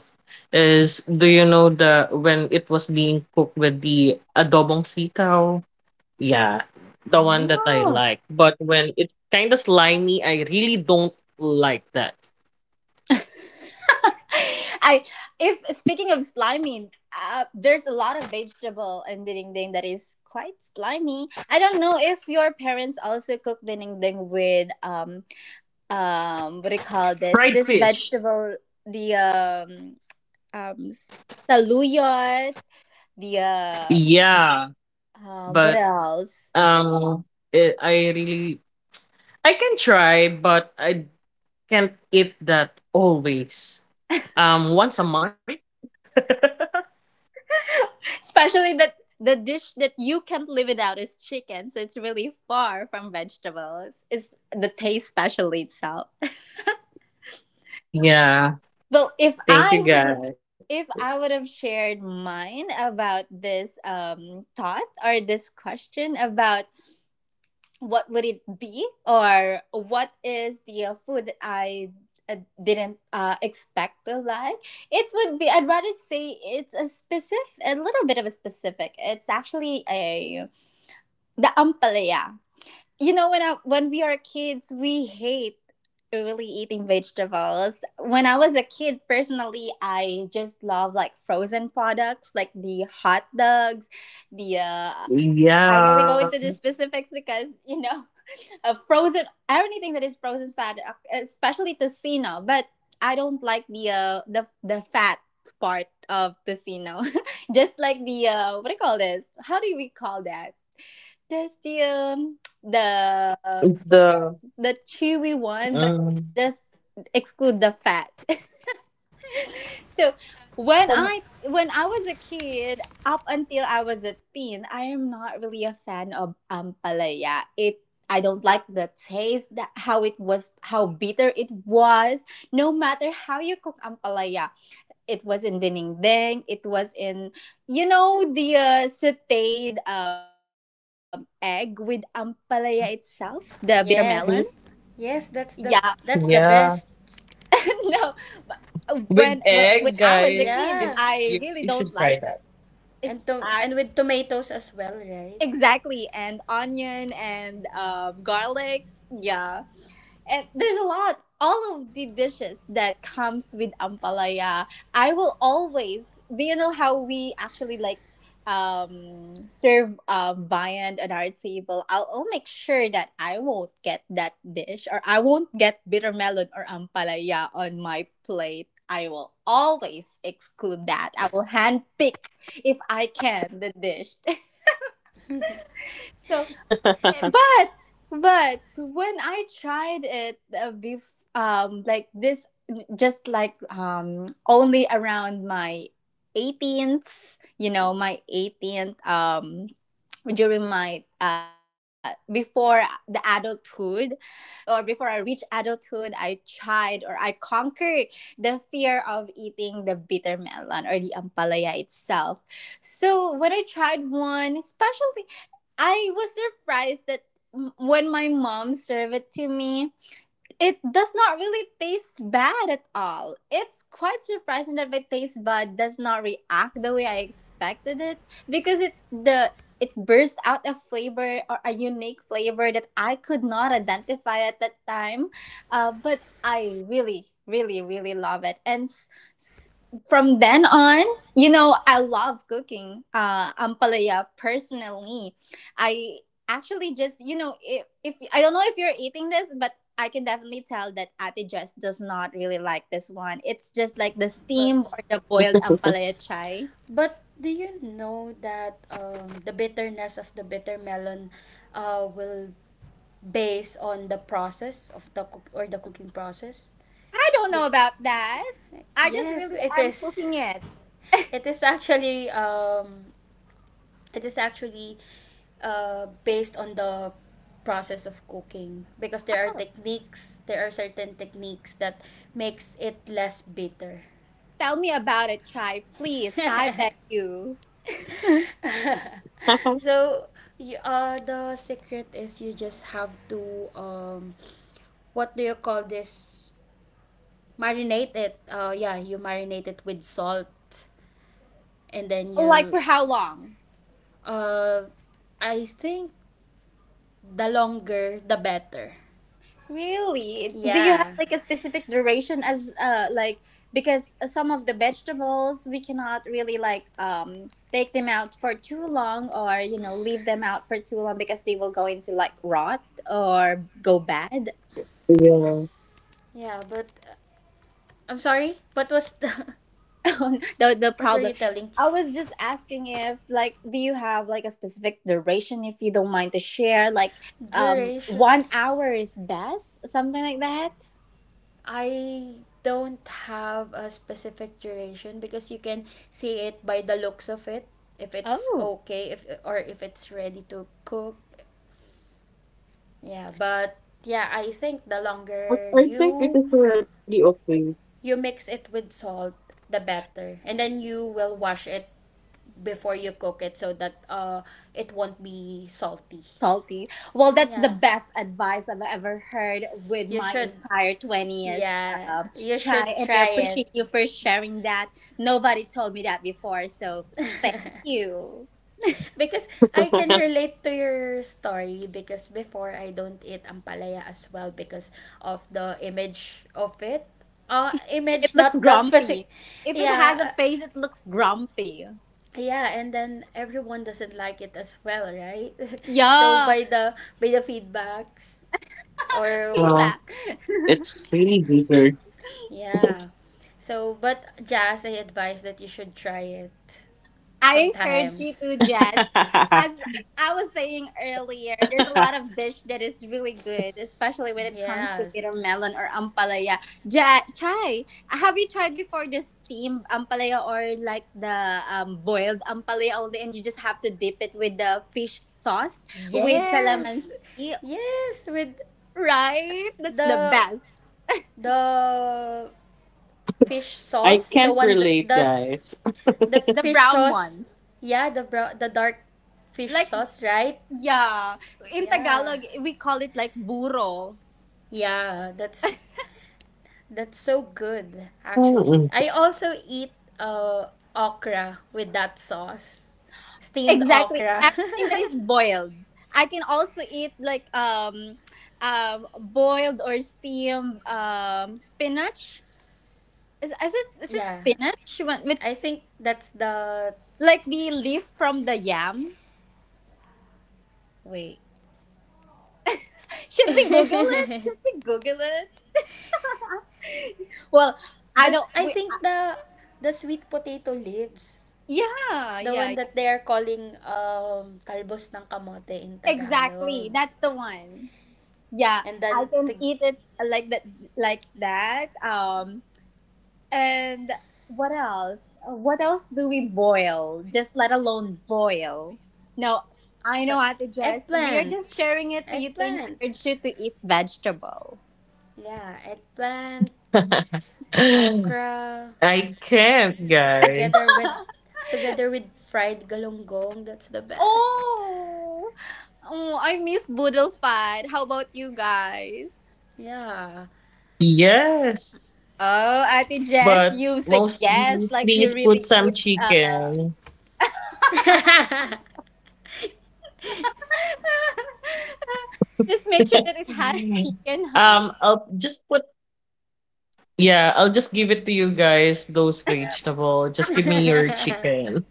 [SPEAKER 3] is do you know the when it was being cooked with the adobong sitaw? Yeah, the one that I
[SPEAKER 1] Oh.
[SPEAKER 3] like. But when it's kind of slimy, I really don't like that.
[SPEAKER 1] I, if speaking of slimy, uh, there's a lot of vegetable in dinding that is quite slimy. I don't know if your parents also cook dinding with um um what do you call this?
[SPEAKER 3] Fried
[SPEAKER 1] This
[SPEAKER 3] fish.
[SPEAKER 1] vegetable, the um um saluyot, the uh,
[SPEAKER 3] Yeah,
[SPEAKER 1] um what
[SPEAKER 3] but
[SPEAKER 1] else?
[SPEAKER 3] um, it, I really I can try, but I can't eat that always. Um, once a month.
[SPEAKER 1] Especially that the dish that you can't live without is chicken, so it's really far from vegetables. Is the taste specially itself?
[SPEAKER 3] Yeah.
[SPEAKER 1] Well, if
[SPEAKER 3] Thank you,
[SPEAKER 1] I would
[SPEAKER 3] guys.
[SPEAKER 1] if I would have shared mine about this um thought or this question about what would it be or what is the uh, food that I uh, didn't uh, expect to like, it would be I'd rather say it's a specific a little bit of a specific. It's actually a the ampalaya, you know when I when we are kids we hate really eating vegetables when I was a kid personally I just love like frozen products like the hot dogs the uh I'm really
[SPEAKER 3] Yeah.
[SPEAKER 1] going to the specifics because you know a frozen anything that is frozen fat uh, especially tocino but I don't like the uh the the fat part of tocino just like the uh what do you call this how do we call that just the um the
[SPEAKER 3] The
[SPEAKER 1] the chewy one, but
[SPEAKER 3] um,
[SPEAKER 1] just exclude the fat. So when
[SPEAKER 3] oh
[SPEAKER 1] I when I was a kid, up until I was a teen, I am not really a fan of ampalaya. It I don't like the taste, that how it was, how bitter it was. No matter how you cook ampalaya, it was in dinding, it was in, you know, the uh, sautéed um, egg with ampalaya itself, the bitter melon.
[SPEAKER 3] wait,
[SPEAKER 2] yes. Yes, that's
[SPEAKER 1] Yeah,
[SPEAKER 2] the, that's the
[SPEAKER 3] yeah,
[SPEAKER 2] best.
[SPEAKER 1] no, but uh,
[SPEAKER 3] with
[SPEAKER 1] when well, when
[SPEAKER 3] egg,
[SPEAKER 1] I was a
[SPEAKER 3] guys.
[SPEAKER 1] kid,
[SPEAKER 2] Yeah.
[SPEAKER 3] You you
[SPEAKER 1] I
[SPEAKER 3] should
[SPEAKER 1] really
[SPEAKER 3] try
[SPEAKER 1] don't
[SPEAKER 3] that.
[SPEAKER 1] like it. It's
[SPEAKER 2] And to,
[SPEAKER 1] I
[SPEAKER 2] and with tomatoes as well, right?
[SPEAKER 1] Exactly, and onion and um, garlic. Yeah, and there's a lot. All of the dishes that comes with ampalaya, I will always. Do you know how we actually like um serve uh, viand at our table? I'll, I'll make sure that I won't get that dish or I won't get bitter melon or ampalaya on my plate. I will always exclude that. I will hand pick if I can the dish. So but but when I tried it uh, bef- um like this just like um only around my eighteenth you know my eighteenth um during my uh before the adulthood or before I reached adulthood, I tried or I conquered the fear of eating the bitter melon or the ampalaya itself. So when I tried one, especially, I was surprised that m- when my mom served it to me, it does not really taste bad at all. It's quite surprising that my taste bud does not react the way I expected it because it the it burst out a flavor or a unique flavor that I could not identify at that time. Uh, but I really, really, really love it. And s- s- from then on, you know, I love cooking uh, ampalaya personally. I actually just you know if, if I don't know if you're eating this but I can definitely tell that Ate Jess does not really like this one. It's just like the
[SPEAKER 2] But
[SPEAKER 1] steamed or the boiled ampalaya chai.
[SPEAKER 2] But do you know that um, the bitterness of the bitter melon uh, will base on the process of the cook or the cooking process?
[SPEAKER 1] I don't know
[SPEAKER 2] Be-
[SPEAKER 1] about that. I just
[SPEAKER 2] yes,
[SPEAKER 1] really
[SPEAKER 2] it
[SPEAKER 1] am
[SPEAKER 2] is.
[SPEAKER 1] cooking it.
[SPEAKER 2] It is actually um, it is actually uh, based on the process of cooking, because there are techniques, there are certain techniques that makes it less bitter.
[SPEAKER 1] Tell me about it, Chai, please. I beg you.
[SPEAKER 2] So you, uh the secret is you just have to um what do you call this, marinate it uh yeah, you marinate it with salt, and then
[SPEAKER 1] Like
[SPEAKER 2] you
[SPEAKER 1] for how long?
[SPEAKER 2] uh I think the longer the better.
[SPEAKER 1] Really? Do you have
[SPEAKER 2] yeah
[SPEAKER 1] like a specific duration as uh like because uh, some of the vegetables we cannot really like um take them out for too long or you know leave them out for too long because they will go into like rot or go bad.
[SPEAKER 3] Yeah.
[SPEAKER 2] yeah, but uh, I'm sorry, what was the
[SPEAKER 1] the the
[SPEAKER 2] what were
[SPEAKER 1] problem.
[SPEAKER 2] you telling,
[SPEAKER 1] I was just asking if like do you have like a specific duration if you don't mind to share like um
[SPEAKER 2] duration?
[SPEAKER 1] one hour is best something like that?
[SPEAKER 2] I don't have a specific duration, because you can see it by the looks of it, if it's
[SPEAKER 1] Oh.
[SPEAKER 2] okay, if, or if it's ready to cook. Yeah, but yeah, I think the
[SPEAKER 3] But
[SPEAKER 2] longer
[SPEAKER 3] I think it
[SPEAKER 2] you,
[SPEAKER 3] is already okay.
[SPEAKER 2] you mix it with salt, the better. And then you will wash it before you cook it so that uh it won't be salty.
[SPEAKER 1] Salty. Well, that's the
[SPEAKER 2] Yeah.
[SPEAKER 1] best advice I've ever heard with
[SPEAKER 2] You
[SPEAKER 1] my
[SPEAKER 2] should,
[SPEAKER 1] entire twentieth
[SPEAKER 2] yeah,
[SPEAKER 1] uh,
[SPEAKER 2] you
[SPEAKER 1] try.
[SPEAKER 2] should
[SPEAKER 1] And I
[SPEAKER 2] try
[SPEAKER 1] appreciate you for sharing that. Nobody told me that before. So thank
[SPEAKER 2] it.
[SPEAKER 1] you.
[SPEAKER 2] Because I can relate to your story, because before I don't eat ampalaya as well because of the image of it. Uh,
[SPEAKER 1] It
[SPEAKER 2] image
[SPEAKER 1] looks
[SPEAKER 2] not the physic.
[SPEAKER 1] grumpy. If it has a
[SPEAKER 2] Yeah. uh,
[SPEAKER 1] face, it looks grumpy.
[SPEAKER 2] Yeah, and then everyone doesn't like it as well, right? So
[SPEAKER 1] Yeah.
[SPEAKER 2] by the by the feedbacks or
[SPEAKER 3] Yeah,
[SPEAKER 1] Feedback.
[SPEAKER 3] it's really bigger.
[SPEAKER 2] yeah. So but Jazz, I advise that you should try it
[SPEAKER 1] I encourage you
[SPEAKER 2] sometimes.
[SPEAKER 1] to, Jess. As I was saying earlier, there's a lot of dish that is really good, especially when it comes to
[SPEAKER 2] Yes.
[SPEAKER 1] bitter melon or ampalaya. Ja- Chai, have you tried before the steamed ampalaya or like the um, boiled ampalaya only, and you just have to dip it with the fish sauce with
[SPEAKER 2] Yes.
[SPEAKER 1] calamansi?
[SPEAKER 2] Yes, with
[SPEAKER 1] Right? That's the
[SPEAKER 2] the
[SPEAKER 1] best.
[SPEAKER 2] the fish
[SPEAKER 3] I
[SPEAKER 2] sauce, the
[SPEAKER 3] can't
[SPEAKER 2] one that
[SPEAKER 3] relate,
[SPEAKER 2] the
[SPEAKER 3] guys.
[SPEAKER 2] the
[SPEAKER 1] The
[SPEAKER 2] fish
[SPEAKER 1] brown
[SPEAKER 2] sauce,
[SPEAKER 1] one.
[SPEAKER 2] yeah, the bro- the dark fish
[SPEAKER 1] Like,
[SPEAKER 2] sauce, right?
[SPEAKER 1] yeah. In
[SPEAKER 2] Yeah.
[SPEAKER 1] Tagalog, we call it like burro.
[SPEAKER 2] Yeah, that's that's so good actually. I
[SPEAKER 3] Mm.
[SPEAKER 2] also eat uh okra with that sauce. Steamed
[SPEAKER 1] Exactly.
[SPEAKER 2] okra.
[SPEAKER 1] Everything that is boiled. I can also eat like um um boiled or steamed um spinach. Is, is it is it
[SPEAKER 2] yeah.
[SPEAKER 1] spinach when, with
[SPEAKER 2] I think that's the
[SPEAKER 1] like the leaf from the yam?
[SPEAKER 2] wait.
[SPEAKER 1] Should we Google it? Should we Google it? Well, I
[SPEAKER 2] The
[SPEAKER 1] don't.
[SPEAKER 2] I
[SPEAKER 1] We, uh,
[SPEAKER 2] think the the sweet potato leaves.
[SPEAKER 1] yeah,
[SPEAKER 2] The
[SPEAKER 1] yeah,
[SPEAKER 2] one
[SPEAKER 1] yeah.
[SPEAKER 2] that they are calling um talbos ng kamote in Tagalog.
[SPEAKER 1] Exactly. That's the one. Yeah,
[SPEAKER 2] And
[SPEAKER 1] I
[SPEAKER 2] then
[SPEAKER 1] can
[SPEAKER 2] tig-
[SPEAKER 1] eat it uh, like that, like that. Um, And what else? Uh, What else do we boil? Just let alone boil. No, I know,
[SPEAKER 2] ta-
[SPEAKER 1] Ate Jess. We are
[SPEAKER 2] eggplant.
[SPEAKER 1] just sharing it to you to
[SPEAKER 2] Eggplant.
[SPEAKER 1] encourage you to eat vegetable.
[SPEAKER 2] Yeah, eggplant, okra
[SPEAKER 3] I can't,
[SPEAKER 2] together
[SPEAKER 3] guys.
[SPEAKER 2] with, together with fried galunggong, that's the best.
[SPEAKER 1] Oh, oh I miss boodle fat. How about you guys?
[SPEAKER 2] Yeah,
[SPEAKER 3] Yes,
[SPEAKER 1] Oh, Ate Jess,
[SPEAKER 3] but
[SPEAKER 1] you say yes,
[SPEAKER 3] mostly
[SPEAKER 1] like you
[SPEAKER 3] please put
[SPEAKER 1] really
[SPEAKER 3] some
[SPEAKER 1] eat. Uh...
[SPEAKER 3] chicken.
[SPEAKER 1] just make sure that it has chicken, huh?
[SPEAKER 3] um, I'll just put. Yeah, I'll just give it to you guys. Those vegetable. Just give me your chicken.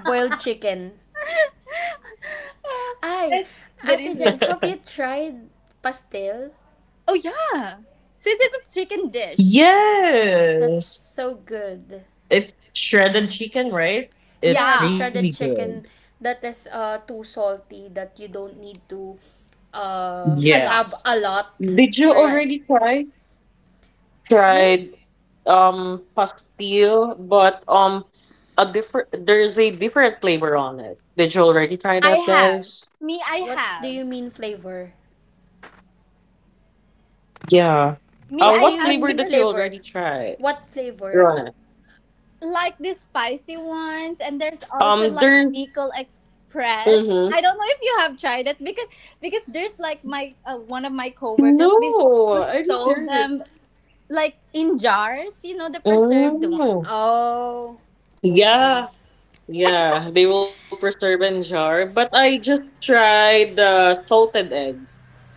[SPEAKER 2] boiled chicken. Ay,
[SPEAKER 1] That's that
[SPEAKER 2] Ate
[SPEAKER 1] is real
[SPEAKER 2] Jess,
[SPEAKER 1] fun.
[SPEAKER 2] have you tried pastel?
[SPEAKER 1] Oh yeah. Since it's a chicken dish.
[SPEAKER 2] That's
[SPEAKER 3] Yes.
[SPEAKER 2] so good.
[SPEAKER 3] It's shredded chicken, right?
[SPEAKER 2] Yeah,
[SPEAKER 3] It's
[SPEAKER 2] the
[SPEAKER 1] Yeah.
[SPEAKER 3] really
[SPEAKER 2] shredded
[SPEAKER 3] good.
[SPEAKER 2] chicken that is uh too salty that you don't need to uh
[SPEAKER 1] A
[SPEAKER 2] have
[SPEAKER 1] lot.
[SPEAKER 2] a
[SPEAKER 3] Yes.
[SPEAKER 2] lot, or
[SPEAKER 3] Did
[SPEAKER 1] Right.
[SPEAKER 3] you already try?
[SPEAKER 2] yes.
[SPEAKER 3] Tried um pastil, but um a different there's a different flavor on it. Did you already try
[SPEAKER 1] I
[SPEAKER 3] that,
[SPEAKER 1] have.
[SPEAKER 3] guys?
[SPEAKER 1] Me I
[SPEAKER 2] What do
[SPEAKER 1] have.
[SPEAKER 2] you mean flavor?
[SPEAKER 3] Yeah. Uh
[SPEAKER 1] Me
[SPEAKER 2] What do
[SPEAKER 1] I
[SPEAKER 3] what
[SPEAKER 2] you
[SPEAKER 1] have
[SPEAKER 3] flavor
[SPEAKER 2] mean
[SPEAKER 3] that
[SPEAKER 1] because
[SPEAKER 3] you already
[SPEAKER 2] flavor?
[SPEAKER 3] tried?
[SPEAKER 2] What flavor?
[SPEAKER 3] Rona.
[SPEAKER 1] like these spicy ones and there's
[SPEAKER 3] Um
[SPEAKER 1] also like
[SPEAKER 3] there's,
[SPEAKER 1] Bicol Express.
[SPEAKER 3] mm-hmm.
[SPEAKER 1] I don't know if you have tried it because because there's like my uh, one of my coworkers before who
[SPEAKER 3] No, I just
[SPEAKER 1] sold
[SPEAKER 3] heard it.
[SPEAKER 1] them like in jars, you know, the preserved.
[SPEAKER 3] Oh.
[SPEAKER 2] Oh, okay.
[SPEAKER 3] Yeah. Yeah, they will preserve in jar. But I just tried the salted egg.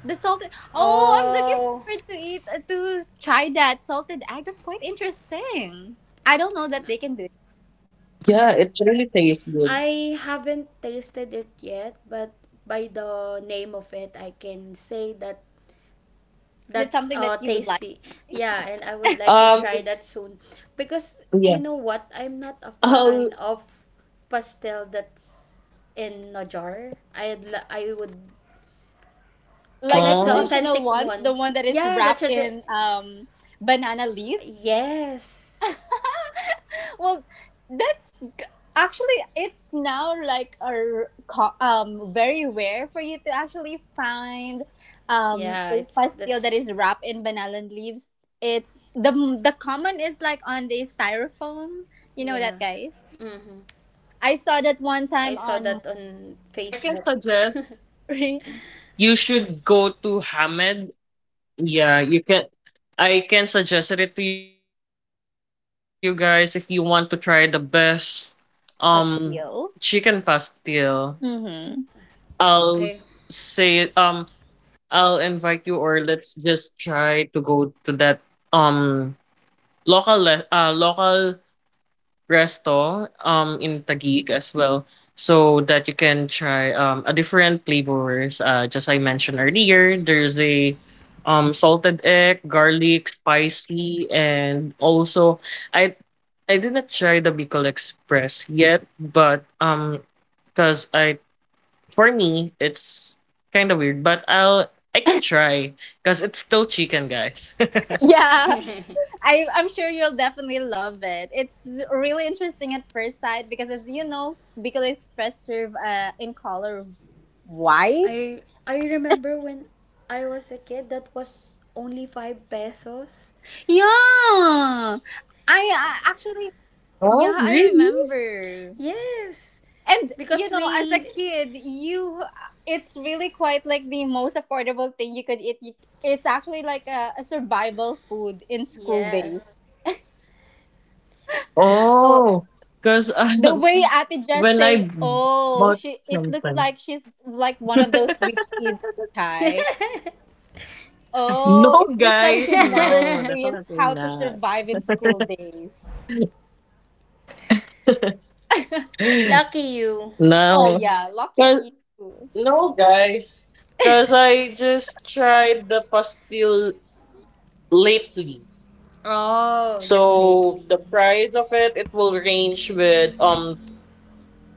[SPEAKER 1] The salted. Oh, I'm looking
[SPEAKER 2] Oh,
[SPEAKER 1] forward to eat uh, to try that salted egg. That's quite interesting. I don't know that they can do. It.
[SPEAKER 3] Yeah, it really tastes good.
[SPEAKER 2] I haven't tasted it yet, but by the name of it, I can say that,
[SPEAKER 1] That's
[SPEAKER 2] that's
[SPEAKER 1] something that
[SPEAKER 2] uh
[SPEAKER 1] you would like
[SPEAKER 2] tasty.
[SPEAKER 1] to try?
[SPEAKER 2] Yeah, and I would like to
[SPEAKER 3] Um,
[SPEAKER 2] try that soon, because you
[SPEAKER 3] yeah.
[SPEAKER 2] know what? I'm not a fan
[SPEAKER 3] Oh,
[SPEAKER 2] of pastel that's in a jar. I'd li- I would, I
[SPEAKER 1] Like
[SPEAKER 3] uh,
[SPEAKER 1] the
[SPEAKER 2] like the
[SPEAKER 1] traditional
[SPEAKER 2] authentic
[SPEAKER 1] ones, the
[SPEAKER 2] one.
[SPEAKER 1] one that is
[SPEAKER 2] Yeah, that's
[SPEAKER 1] wrapped
[SPEAKER 2] the,
[SPEAKER 1] in um banana leaf.
[SPEAKER 2] yes.
[SPEAKER 1] well, that's g- actually it's now like a r- co- um very rare for you to actually find um
[SPEAKER 2] Yeah,
[SPEAKER 1] a
[SPEAKER 2] it's
[SPEAKER 1] pastel that
[SPEAKER 2] that's
[SPEAKER 1] is wrapped in banana leaves. It's the the common is like on the styrofoam. You know
[SPEAKER 2] yeah.
[SPEAKER 1] that, guys. I saw that one
[SPEAKER 3] yeah.
[SPEAKER 2] I
[SPEAKER 1] time
[SPEAKER 2] saw
[SPEAKER 1] on
[SPEAKER 2] that on
[SPEAKER 3] But I can
[SPEAKER 2] Facebook.
[SPEAKER 3] suggest you should go to Hamed. Yeah, you can. I can suggest it to you guys if you want to try the best um chicken
[SPEAKER 1] Pastel.
[SPEAKER 3] pastel. I'll
[SPEAKER 1] Mm-hmm.
[SPEAKER 2] I
[SPEAKER 3] say um I'll invite you, or let's just try to go to that um local le- uh, local resto um in Taguig as well so that you can try um a different flavors, uh just I mentioned earlier, there's a, um salted egg, garlic, spicy, and also I I did not try the Bicol Express yet, but um because I, for me it's kind of weird, but I'll I can try because it's still chicken, guys.
[SPEAKER 1] Yeah, I, I'm sure you'll definitely love it. It's really interesting at first sight because, as you know, Bicol Express serve uh, in color white.
[SPEAKER 2] I I remember when I was a kid that was only five pesos.
[SPEAKER 1] Yeah, I, I actually,
[SPEAKER 3] Well,
[SPEAKER 1] yeah, I
[SPEAKER 3] really?
[SPEAKER 1] remember.
[SPEAKER 2] Yes,
[SPEAKER 1] And you
[SPEAKER 2] because
[SPEAKER 1] know, as a
[SPEAKER 2] we.
[SPEAKER 1] kid, you it's really quite like the most affordable thing you could eat. You- It's actually like a, a survival food in school days.
[SPEAKER 2] Yes.
[SPEAKER 1] Oh,
[SPEAKER 3] Oh, because
[SPEAKER 1] the
[SPEAKER 3] um,
[SPEAKER 1] way Ate just
[SPEAKER 3] when I
[SPEAKER 1] say,
[SPEAKER 3] b-
[SPEAKER 1] "Oh,
[SPEAKER 3] bought
[SPEAKER 1] she," it looks
[SPEAKER 3] something,
[SPEAKER 1] like she's like one of those rich kids, Chai. Oh,
[SPEAKER 3] no,
[SPEAKER 1] it looks like
[SPEAKER 3] guys,
[SPEAKER 1] she never
[SPEAKER 3] no,
[SPEAKER 1] experienced
[SPEAKER 3] definitely
[SPEAKER 1] how to
[SPEAKER 3] not.
[SPEAKER 1] survive in school days.
[SPEAKER 2] Lucky you.
[SPEAKER 1] Oh
[SPEAKER 3] No,
[SPEAKER 1] yeah,
[SPEAKER 3] 'cause,
[SPEAKER 1] lucky you.
[SPEAKER 3] no, guys, because I just tried the pastille lately.
[SPEAKER 2] Oh, just
[SPEAKER 3] So
[SPEAKER 2] lately.
[SPEAKER 3] the price of it, it will range with um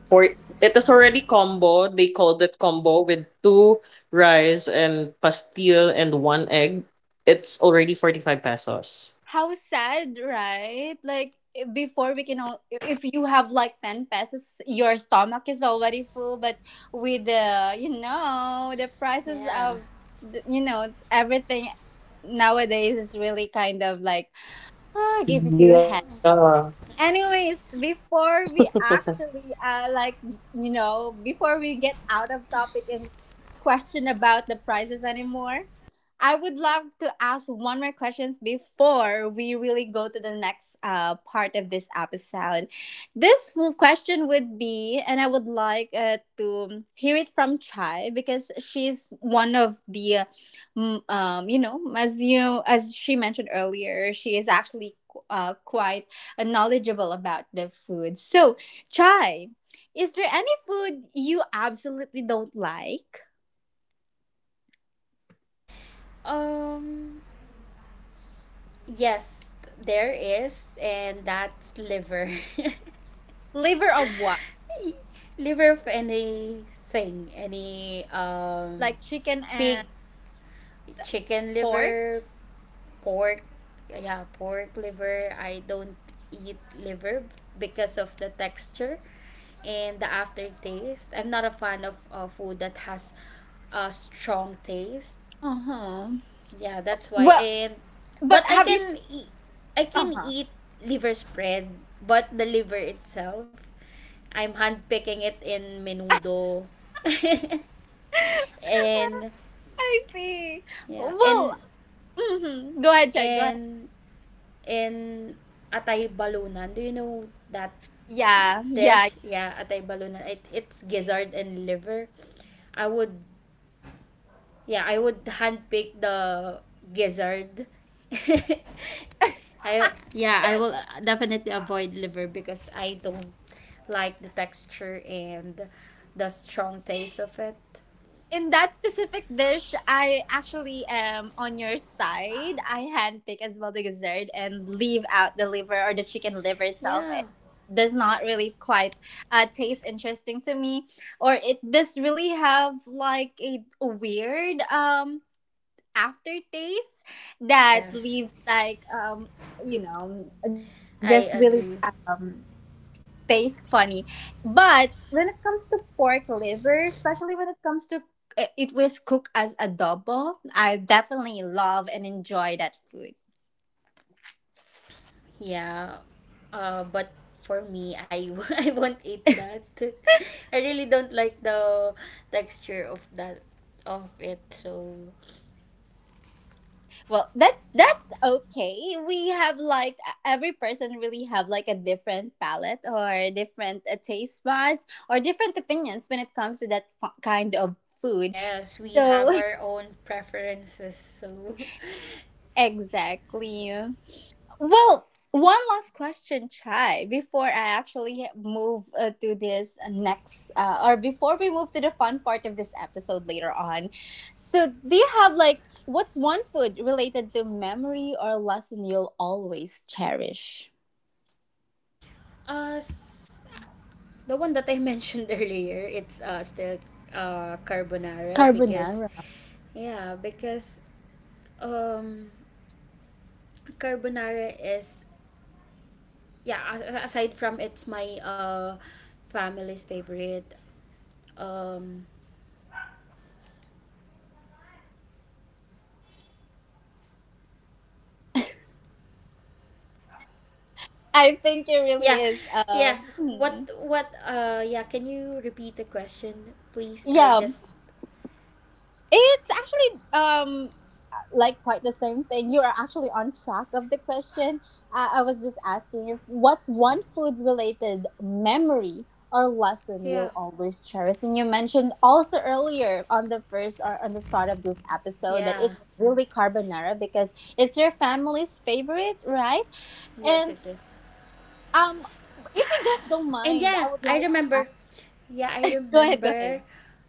[SPEAKER 3] for it is already combo. They called it combo with two rice and pastil and one egg. It's already forty-five pesos.
[SPEAKER 1] How sad, right? Like i- before we can all, if you have like ten pesos, your stomach is already full, but with the, you know, the prices
[SPEAKER 2] Yeah.
[SPEAKER 1] of, the- you know, everything nowadays is really kind of like ah, gives you.
[SPEAKER 3] Yeah.
[SPEAKER 1] Anyways, before we actually uh like you know, before we get out of topic and question about the prices anymore, I would love to ask one more questions before we really go to the next uh part of this episode. This w- question would be, and I would like uh, to hear it from Chai because she's one of the uh, mm, um you know, as you as she mentioned earlier, she is actually qu- uh quite and knowledgeable about the food. So, Chai, is there any food you absolutely don't like?
[SPEAKER 2] Um. Yes, there is, and that's liver.
[SPEAKER 1] Liver of what?
[SPEAKER 2] Liver of anything, any um,
[SPEAKER 1] Like chicken
[SPEAKER 2] pig,
[SPEAKER 1] and pork?
[SPEAKER 2] chicken liver, pork, yeah, pork liver, I don't eat liver because of the texture and the aftertaste. I'm not a fan of uh, food that has a strong taste,
[SPEAKER 1] Uh huh.
[SPEAKER 2] yeah, that's why.
[SPEAKER 1] Well,
[SPEAKER 2] And
[SPEAKER 1] but
[SPEAKER 2] but i
[SPEAKER 1] have you?
[SPEAKER 2] can eat I
[SPEAKER 1] Uh
[SPEAKER 2] can
[SPEAKER 1] huh.
[SPEAKER 2] eat liver spread, but the liver itself, I'm handpicking it in menudo. And
[SPEAKER 1] I see.
[SPEAKER 2] yeah,
[SPEAKER 1] Well,
[SPEAKER 2] and
[SPEAKER 1] mhm. Go ahead, Chai. Go ahead.
[SPEAKER 2] and in Atay Balunan. Do you know that
[SPEAKER 1] Yeah, yeah.
[SPEAKER 2] dish? Yeah, Atay Balunan. It, it's gizzard and liver. I would, yeah, I would handpick the gizzard. I yeah, I will definitely avoid liver because I don't like the texture and the strong taste of it.
[SPEAKER 1] In that specific dish, I actually am on your side. I handpick as well the gizzard and leave out the liver or the chicken liver itself.
[SPEAKER 2] Yeah.
[SPEAKER 1] It does not really quite uh, taste interesting to me, or it does really have like a weird um aftertaste that
[SPEAKER 2] Yes,
[SPEAKER 1] leaves like um you know just really
[SPEAKER 2] I agree.
[SPEAKER 1] um taste funny. But when it comes to pork liver, especially when it comes to uh, it was cooked as adobo, I definitely love and enjoy that food.
[SPEAKER 2] Yeah, uh, but for me, I I w- I won't eat that. I really don't like the texture of that of it. So
[SPEAKER 1] Well, that's that's okay. We have like e-, every person really have like a different palate or different uh, taste buds or different opinions when it comes to that fu- kind of food.
[SPEAKER 2] yes, we have
[SPEAKER 1] So
[SPEAKER 2] our own preferences. So
[SPEAKER 1] exactly. Well, one last question, Chai, before I actually move uh, to this next, uh, or before we move to the fun part of this episode later on. So, do you have like, what's one food related to memory or lesson you'll always cherish?
[SPEAKER 2] uh, s- the one that I mentioned earlier, it's uh still uh carbonara because
[SPEAKER 1] Carbonara.
[SPEAKER 2] yeah, because um carbonara is yeah, a- a- aside from it's my uh family's favorite um
[SPEAKER 1] I think it really
[SPEAKER 2] yeah,
[SPEAKER 1] is.
[SPEAKER 2] yeah.
[SPEAKER 1] Um,
[SPEAKER 2] What
[SPEAKER 1] hmm.
[SPEAKER 2] what uh yeah, can you repeat the question, please? I
[SPEAKER 1] Yeah,
[SPEAKER 2] just
[SPEAKER 1] it's actually um like quite the same thing. You are actually on track of the question. I, I was just asking if what's one food related memory or lesson
[SPEAKER 2] yeah.
[SPEAKER 1] you'll always cherish. And you mentioned also earlier on the first or on the start of this episode that
[SPEAKER 2] Yeah.
[SPEAKER 1] it's really carbonara because it's your family's favorite, right?
[SPEAKER 2] Yes
[SPEAKER 1] And
[SPEAKER 2] it is.
[SPEAKER 1] um if you just don't
[SPEAKER 2] And
[SPEAKER 1] mind, I
[SPEAKER 2] yeah,
[SPEAKER 1] would
[SPEAKER 2] I
[SPEAKER 1] like to ask
[SPEAKER 2] remember. Yeah, I
[SPEAKER 1] go ahead, go
[SPEAKER 2] remember
[SPEAKER 1] ahead.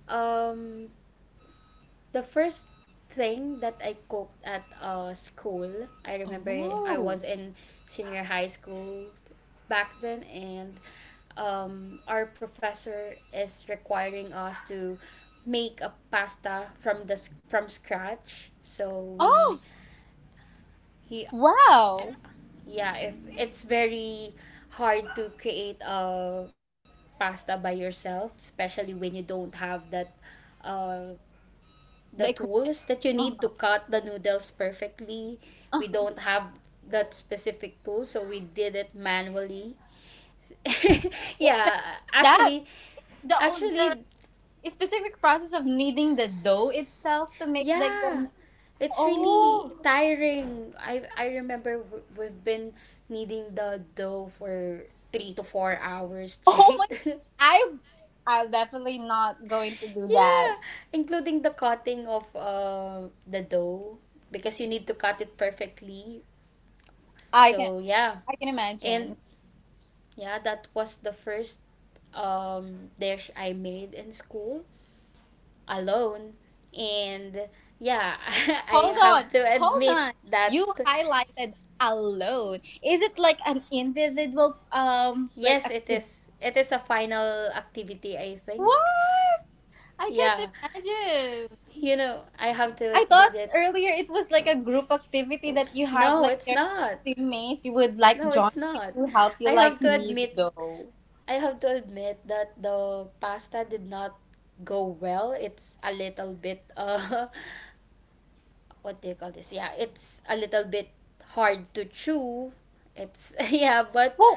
[SPEAKER 2] um the first thing that I cooked at uh, school, I remember I was
[SPEAKER 1] Oh.
[SPEAKER 2] in senior high school back then, and um, our professor is requiring us to make a pasta from the s- from scratch. So we
[SPEAKER 1] Oh
[SPEAKER 2] he
[SPEAKER 1] wow.
[SPEAKER 2] yeah, if it's very hard to create a pasta by yourself, especially when you don't have that uh, the
[SPEAKER 1] They could
[SPEAKER 2] tools that you need to
[SPEAKER 1] uh-huh.
[SPEAKER 2] cut the noodles perfectly. We
[SPEAKER 1] Uh-huh.
[SPEAKER 2] don't have that specific tool, so we did it manually.
[SPEAKER 1] Amen.
[SPEAKER 2] yeah,
[SPEAKER 1] That
[SPEAKER 2] actually,
[SPEAKER 1] the
[SPEAKER 2] actually,
[SPEAKER 1] the specific process of kneading the dough itself to make like
[SPEAKER 2] yeah,
[SPEAKER 1] the
[SPEAKER 2] it's really
[SPEAKER 1] oh
[SPEAKER 2] tiring. I I remember w- we've been kneading the dough for three to four hours
[SPEAKER 1] oh my
[SPEAKER 2] straight.
[SPEAKER 1] I I'm definitely not going to do
[SPEAKER 2] Yeah,
[SPEAKER 1] that.
[SPEAKER 2] including the cutting of uh, the dough, because you need to cut it perfectly.
[SPEAKER 1] I can
[SPEAKER 2] So yeah,
[SPEAKER 1] I can
[SPEAKER 2] and
[SPEAKER 1] imagine.
[SPEAKER 2] yeah, that was the first um, dish I made in school alone. And yeah, I
[SPEAKER 1] Hold
[SPEAKER 2] have
[SPEAKER 1] on,
[SPEAKER 2] to
[SPEAKER 1] hold
[SPEAKER 2] admit
[SPEAKER 1] on.
[SPEAKER 2] that,
[SPEAKER 1] You highlighted alone. Is it like an individual um like
[SPEAKER 2] yes, it
[SPEAKER 1] activity?
[SPEAKER 2] is, it is a final activity. I think,
[SPEAKER 1] What? I
[SPEAKER 2] yeah,
[SPEAKER 1] can't imagine.
[SPEAKER 2] you know, I have
[SPEAKER 3] Wow.
[SPEAKER 2] to
[SPEAKER 1] I thought
[SPEAKER 2] admit it.
[SPEAKER 1] earlier it was like a group activity that you have
[SPEAKER 2] No,
[SPEAKER 1] like
[SPEAKER 2] it's
[SPEAKER 1] your
[SPEAKER 2] not.
[SPEAKER 1] teammate you would like
[SPEAKER 2] No,
[SPEAKER 1] join
[SPEAKER 2] it's
[SPEAKER 1] you
[SPEAKER 2] not.
[SPEAKER 1] to help you
[SPEAKER 2] I have
[SPEAKER 1] like
[SPEAKER 2] to
[SPEAKER 1] me
[SPEAKER 2] admit.
[SPEAKER 1] though.
[SPEAKER 2] I have to admit that the pasta did not go well. It's a little bit uh what do you call this? Yeah, it's a little bit hard to chew. It's yeah, but
[SPEAKER 1] Who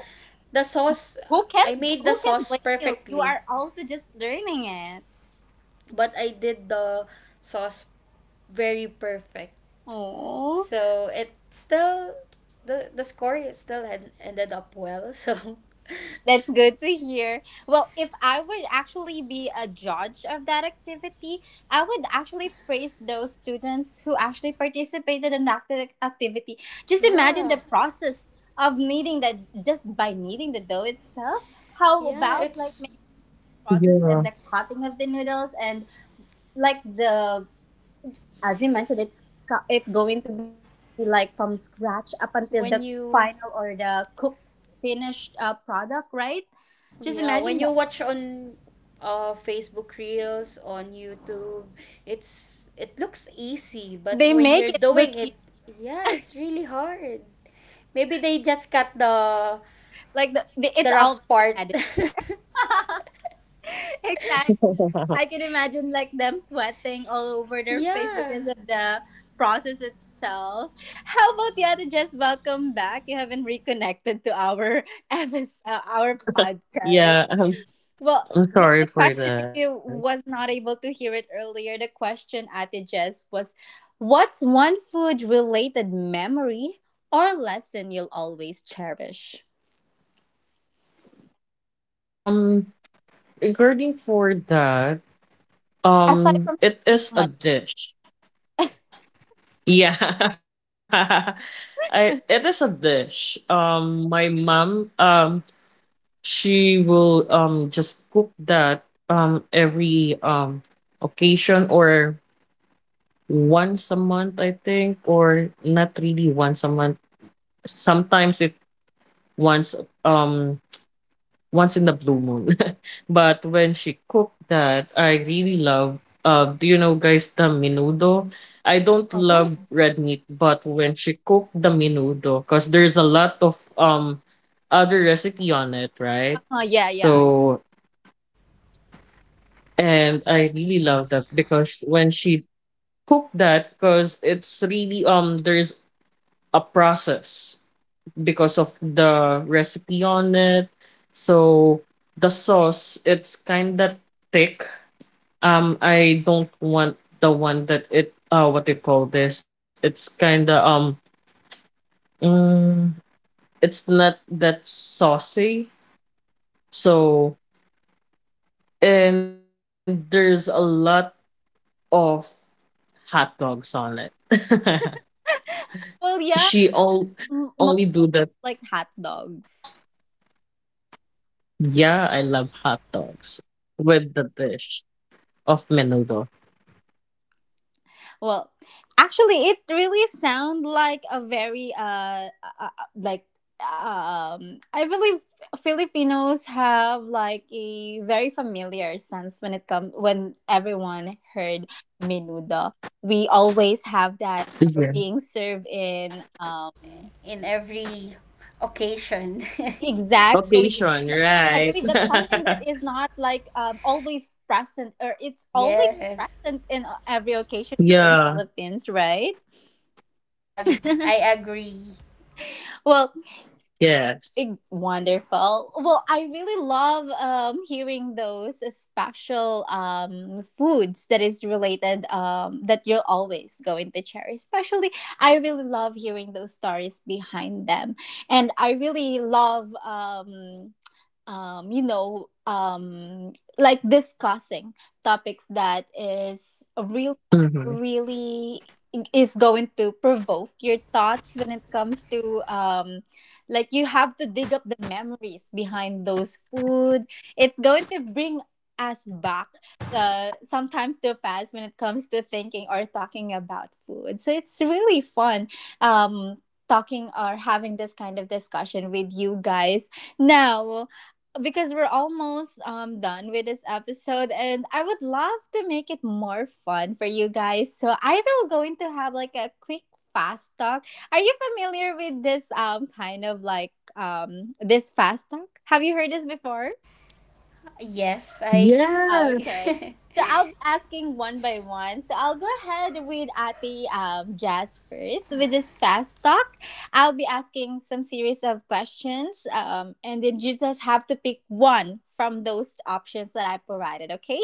[SPEAKER 2] the sauce
[SPEAKER 1] who can
[SPEAKER 2] I made the
[SPEAKER 1] who can
[SPEAKER 2] sauce
[SPEAKER 1] blame you? You
[SPEAKER 2] perfectly,
[SPEAKER 1] are also just learning it.
[SPEAKER 2] but I did the sauce very perfect.
[SPEAKER 1] Oh.
[SPEAKER 2] So it still, the the score is still had ended up well. So
[SPEAKER 1] That's good to hear. Well, if I would actually be a judge of that activity, I would actually praise those students who actually participated in that acti- activity. Just imagine
[SPEAKER 2] yeah,
[SPEAKER 1] the process of kneading that just by kneading the dough itself. How
[SPEAKER 2] yeah,
[SPEAKER 1] about like
[SPEAKER 2] it's
[SPEAKER 1] making
[SPEAKER 3] Yeah.
[SPEAKER 1] process and the cutting of the noodles and like the as you mentioned, it's co- it going to be like from scratch up until the
[SPEAKER 2] when
[SPEAKER 1] final
[SPEAKER 2] you.
[SPEAKER 1] or the cook finished uh, product, right? Just
[SPEAKER 2] Yeah,
[SPEAKER 1] imagine that.
[SPEAKER 2] when you watch on uh, Facebook Reels, on YouTube, it's, it looks easy, but
[SPEAKER 1] They
[SPEAKER 2] when
[SPEAKER 1] make
[SPEAKER 2] you're
[SPEAKER 1] it look
[SPEAKER 2] doing it,
[SPEAKER 1] easy.
[SPEAKER 2] yeah, it's really hard. Maybe they just cut the
[SPEAKER 1] Like the, the
[SPEAKER 2] the
[SPEAKER 1] it's
[SPEAKER 2] rough
[SPEAKER 1] all
[SPEAKER 2] part.
[SPEAKER 1] edited. exactly. I can imagine like them sweating all over their face
[SPEAKER 2] yeah,
[SPEAKER 1] because of the process itself. How about the other? Just welcome back. You haven't reconnected to our episode, uh, our podcast.
[SPEAKER 3] Yeah, I'm,
[SPEAKER 1] Well,
[SPEAKER 3] I'm
[SPEAKER 1] the,
[SPEAKER 3] sorry
[SPEAKER 1] the
[SPEAKER 3] for
[SPEAKER 1] question, if
[SPEAKER 3] that.
[SPEAKER 1] you was not able to hear it earlier, the question at the Jess was, "What's one food-related memory or lesson you'll always cherish?"
[SPEAKER 3] Um, regarding for that,
[SPEAKER 1] Aside
[SPEAKER 3] um,
[SPEAKER 1] from
[SPEAKER 3] it is a
[SPEAKER 1] tikman.
[SPEAKER 3] dish. Yeah, I it is a dish. Um, my mom, um, she will um just cook that um every um occasion or once a month, or not really once a month. Sometimes it once um once in the blue moon. But when she cooked that, I really love, uh do you know, guys, the menudo? I don't love
[SPEAKER 1] Oh.
[SPEAKER 3] red meat, but when she cooked the menudo, because there's a lot of um other recipe on it, right?
[SPEAKER 1] Uh yeah, yeah, yeah.
[SPEAKER 3] So and I really love that because when she cooked that, because it's really um there's a process because of the recipe on it. So the sauce, it's kind of thick. Um, I don't want the one that it, uh what do you call this? It's kind of, um mm, it's not that saucy. So and there's a lot of hot dogs on it.
[SPEAKER 1] Well,
[SPEAKER 3] She
[SPEAKER 1] yeah,
[SPEAKER 3] all
[SPEAKER 1] m-
[SPEAKER 3] only do
[SPEAKER 1] most
[SPEAKER 3] that.
[SPEAKER 1] like hot dogs.
[SPEAKER 3] Yeah, I love hot dogs with the dish. Of menudo.
[SPEAKER 1] Well, actually, it really sound like a very uh, uh uh, like um I believe Filipinos have like a very familiar sense when it come when everyone heard menudo. We always have that are
[SPEAKER 3] Yeah.
[SPEAKER 1] being served in um.
[SPEAKER 2] in every occasion.
[SPEAKER 1] Exactly.
[SPEAKER 3] Occasion,
[SPEAKER 1] I
[SPEAKER 3] right?
[SPEAKER 1] believe that's something that is not like um, always present, or it's always
[SPEAKER 2] yes.
[SPEAKER 1] present in uh, every occasion here in
[SPEAKER 3] Yeah.
[SPEAKER 1] Philippines, right?
[SPEAKER 2] I ag- I agree.
[SPEAKER 1] well,
[SPEAKER 3] Yes.
[SPEAKER 1] eh, wonderful. Well, I really love um, hearing those special um, foods that is related um, that you're always going to cherish. Especially, I really love hearing those stories behind them, and I really love. Um, um, you know, um, like discussing topics that is real,
[SPEAKER 3] Hmm.
[SPEAKER 1] really is going to provoke your thoughts when it comes to um like you have to dig up the memories behind those food, it's going to bring us back uh sometimes to a past when it comes to thinking or talking about food. So it's really fun um talking or having this kind of discussion with you guys now, because we're almost um done with this episode and I would love to make it more fun for you guys. So I will going to have like a quick fast talk. Are you familiar with this um kind of like um this fast talk? Have you heard this before?
[SPEAKER 2] Yes, I s-
[SPEAKER 1] Ah,
[SPEAKER 3] Yeah.
[SPEAKER 1] okay. So I'll be asking one by one. So I'll go ahead with Ati um, Jazz first with this fast talk. I'll be asking some series of questions, um, and then you just have to pick one from those options that I provided. Okay.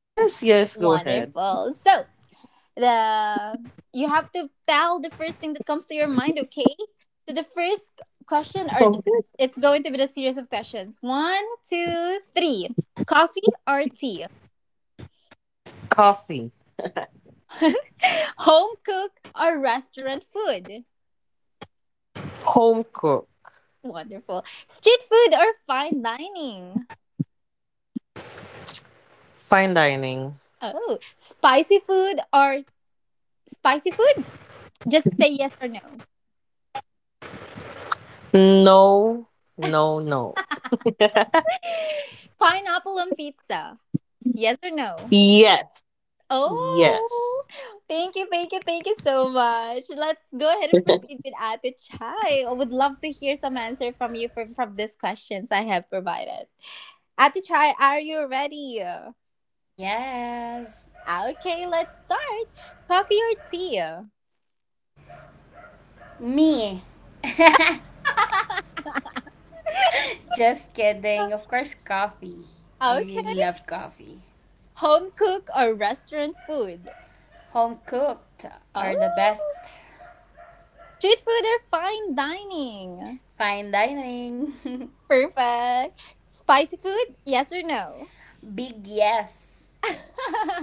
[SPEAKER 3] Yes, yes, go ahead.
[SPEAKER 1] Wonderful. So the you have to tell the first thing that comes to your mind. Okay. So the first question, or
[SPEAKER 3] So,
[SPEAKER 1] th- it's going to be a series of questions. One, two, three. Coffee or tea?
[SPEAKER 3] coffee,
[SPEAKER 1] Home cook or restaurant food?
[SPEAKER 3] home cook,
[SPEAKER 1] Wonderful. Street food or fine dining?
[SPEAKER 3] fine dining.
[SPEAKER 1] Oh, spicy food or spicy food? Just say yes or no.
[SPEAKER 3] No, no, no.
[SPEAKER 1] Pineapple on pizza? Yes or no?
[SPEAKER 3] Yes, yes.
[SPEAKER 1] Oh, thank you, thank you, thank you so much. Let's go ahead and
[SPEAKER 3] Thank
[SPEAKER 1] proceed with Ate Chai. I would love to hear some answer from you from, from these questions I have provided. Ate Chai, are you ready?
[SPEAKER 2] yes.
[SPEAKER 1] Okay, let's start. Coffee or tea?
[SPEAKER 2] Me. Just kidding. Of course, coffee. I really
[SPEAKER 1] Okay.
[SPEAKER 2] love coffee.
[SPEAKER 1] Home cook or restaurant food?
[SPEAKER 2] Home cooked
[SPEAKER 1] Oh.
[SPEAKER 2] are the best.
[SPEAKER 1] Street food or fine dining?
[SPEAKER 2] Fine dining.
[SPEAKER 1] Perfect. Spicy food? Yes or no?
[SPEAKER 2] Big yes.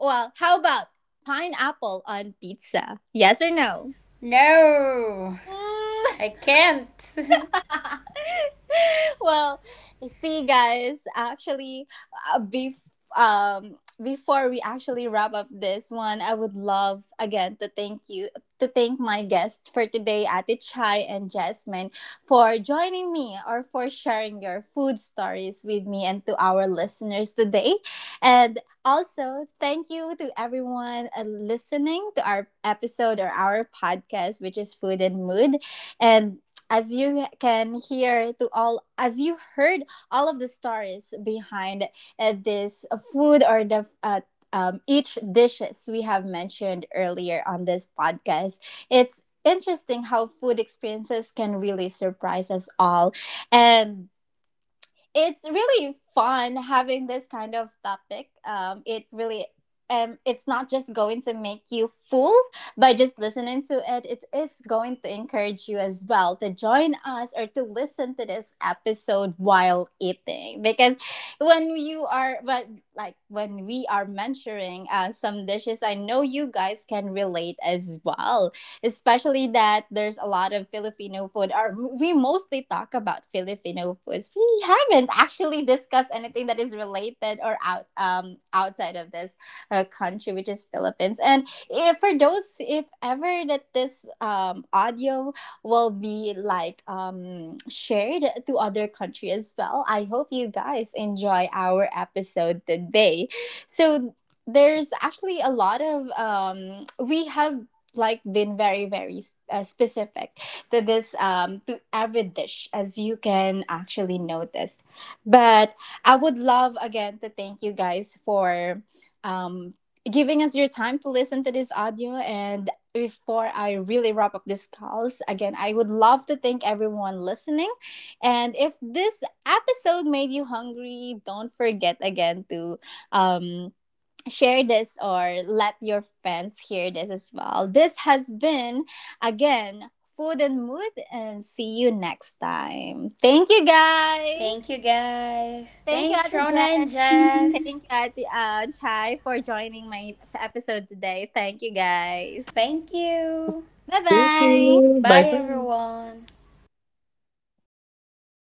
[SPEAKER 1] well, how about pineapple on pizza? Yes or no?
[SPEAKER 2] No,
[SPEAKER 1] Mm,
[SPEAKER 2] I can't.
[SPEAKER 1] well, see, guys, actually, uh, bef- um, before we actually wrap up this one, I would love again to thank you to thank my guests for today, Ate Chai and Jasmine, for joining me or for sharing your food stories with me and to our listeners today. And also, thank you to everyone uh, listening to our episode or our podcast, which is Food and Mood. And as you can hear to all as you heard all of the stories behind uh, this food or the uh, um, each dishes we have mentioned earlier on this podcast, it's interesting how food experiences can really surprise us all, and it's really fun having this kind of topic. Um, it really um, it's not just going to make you full by just listening to it. It is going to encourage you as well to join us or to listen to this episode while eating. Because when you are, but like when we are mentoring uh, some dishes, I know you guys can relate as well, especially that there's a lot of Filipino food, or we mostly talk about Filipino foods. We haven't actually discussed anything that is related or out um outside of this uh, country, which is Philippines. And if for those, if ever that this um audio will be like um shared to other country as well, I hope you guys enjoy our episode today. So there's actually a lot of um we have like been very very uh, specific to this um to every dish as you can actually notice. But I would love again to thank you guys for um giving us your time to listen to this audio. And before I really wrap up this calls again, I would love to thank everyone listening. And if this episode made you hungry, don't forget again to um share this or let your friends hear this as well. This has been, again, Food and Mood, and see you next time. Thank you, guys.
[SPEAKER 2] Thank you guys.
[SPEAKER 1] Thank you,
[SPEAKER 2] Thanks,
[SPEAKER 1] Ate
[SPEAKER 2] Rona
[SPEAKER 1] Jess.
[SPEAKER 2] and
[SPEAKER 3] you.
[SPEAKER 1] Thank
[SPEAKER 2] Jess.
[SPEAKER 1] you, Ate uh, Chai, for joining my episode today. Thank you, guys.
[SPEAKER 2] Thank you.
[SPEAKER 3] Thank
[SPEAKER 1] Bye
[SPEAKER 3] you.
[SPEAKER 1] bye.
[SPEAKER 3] Bye for
[SPEAKER 2] Bye,
[SPEAKER 3] now.
[SPEAKER 2] everyone.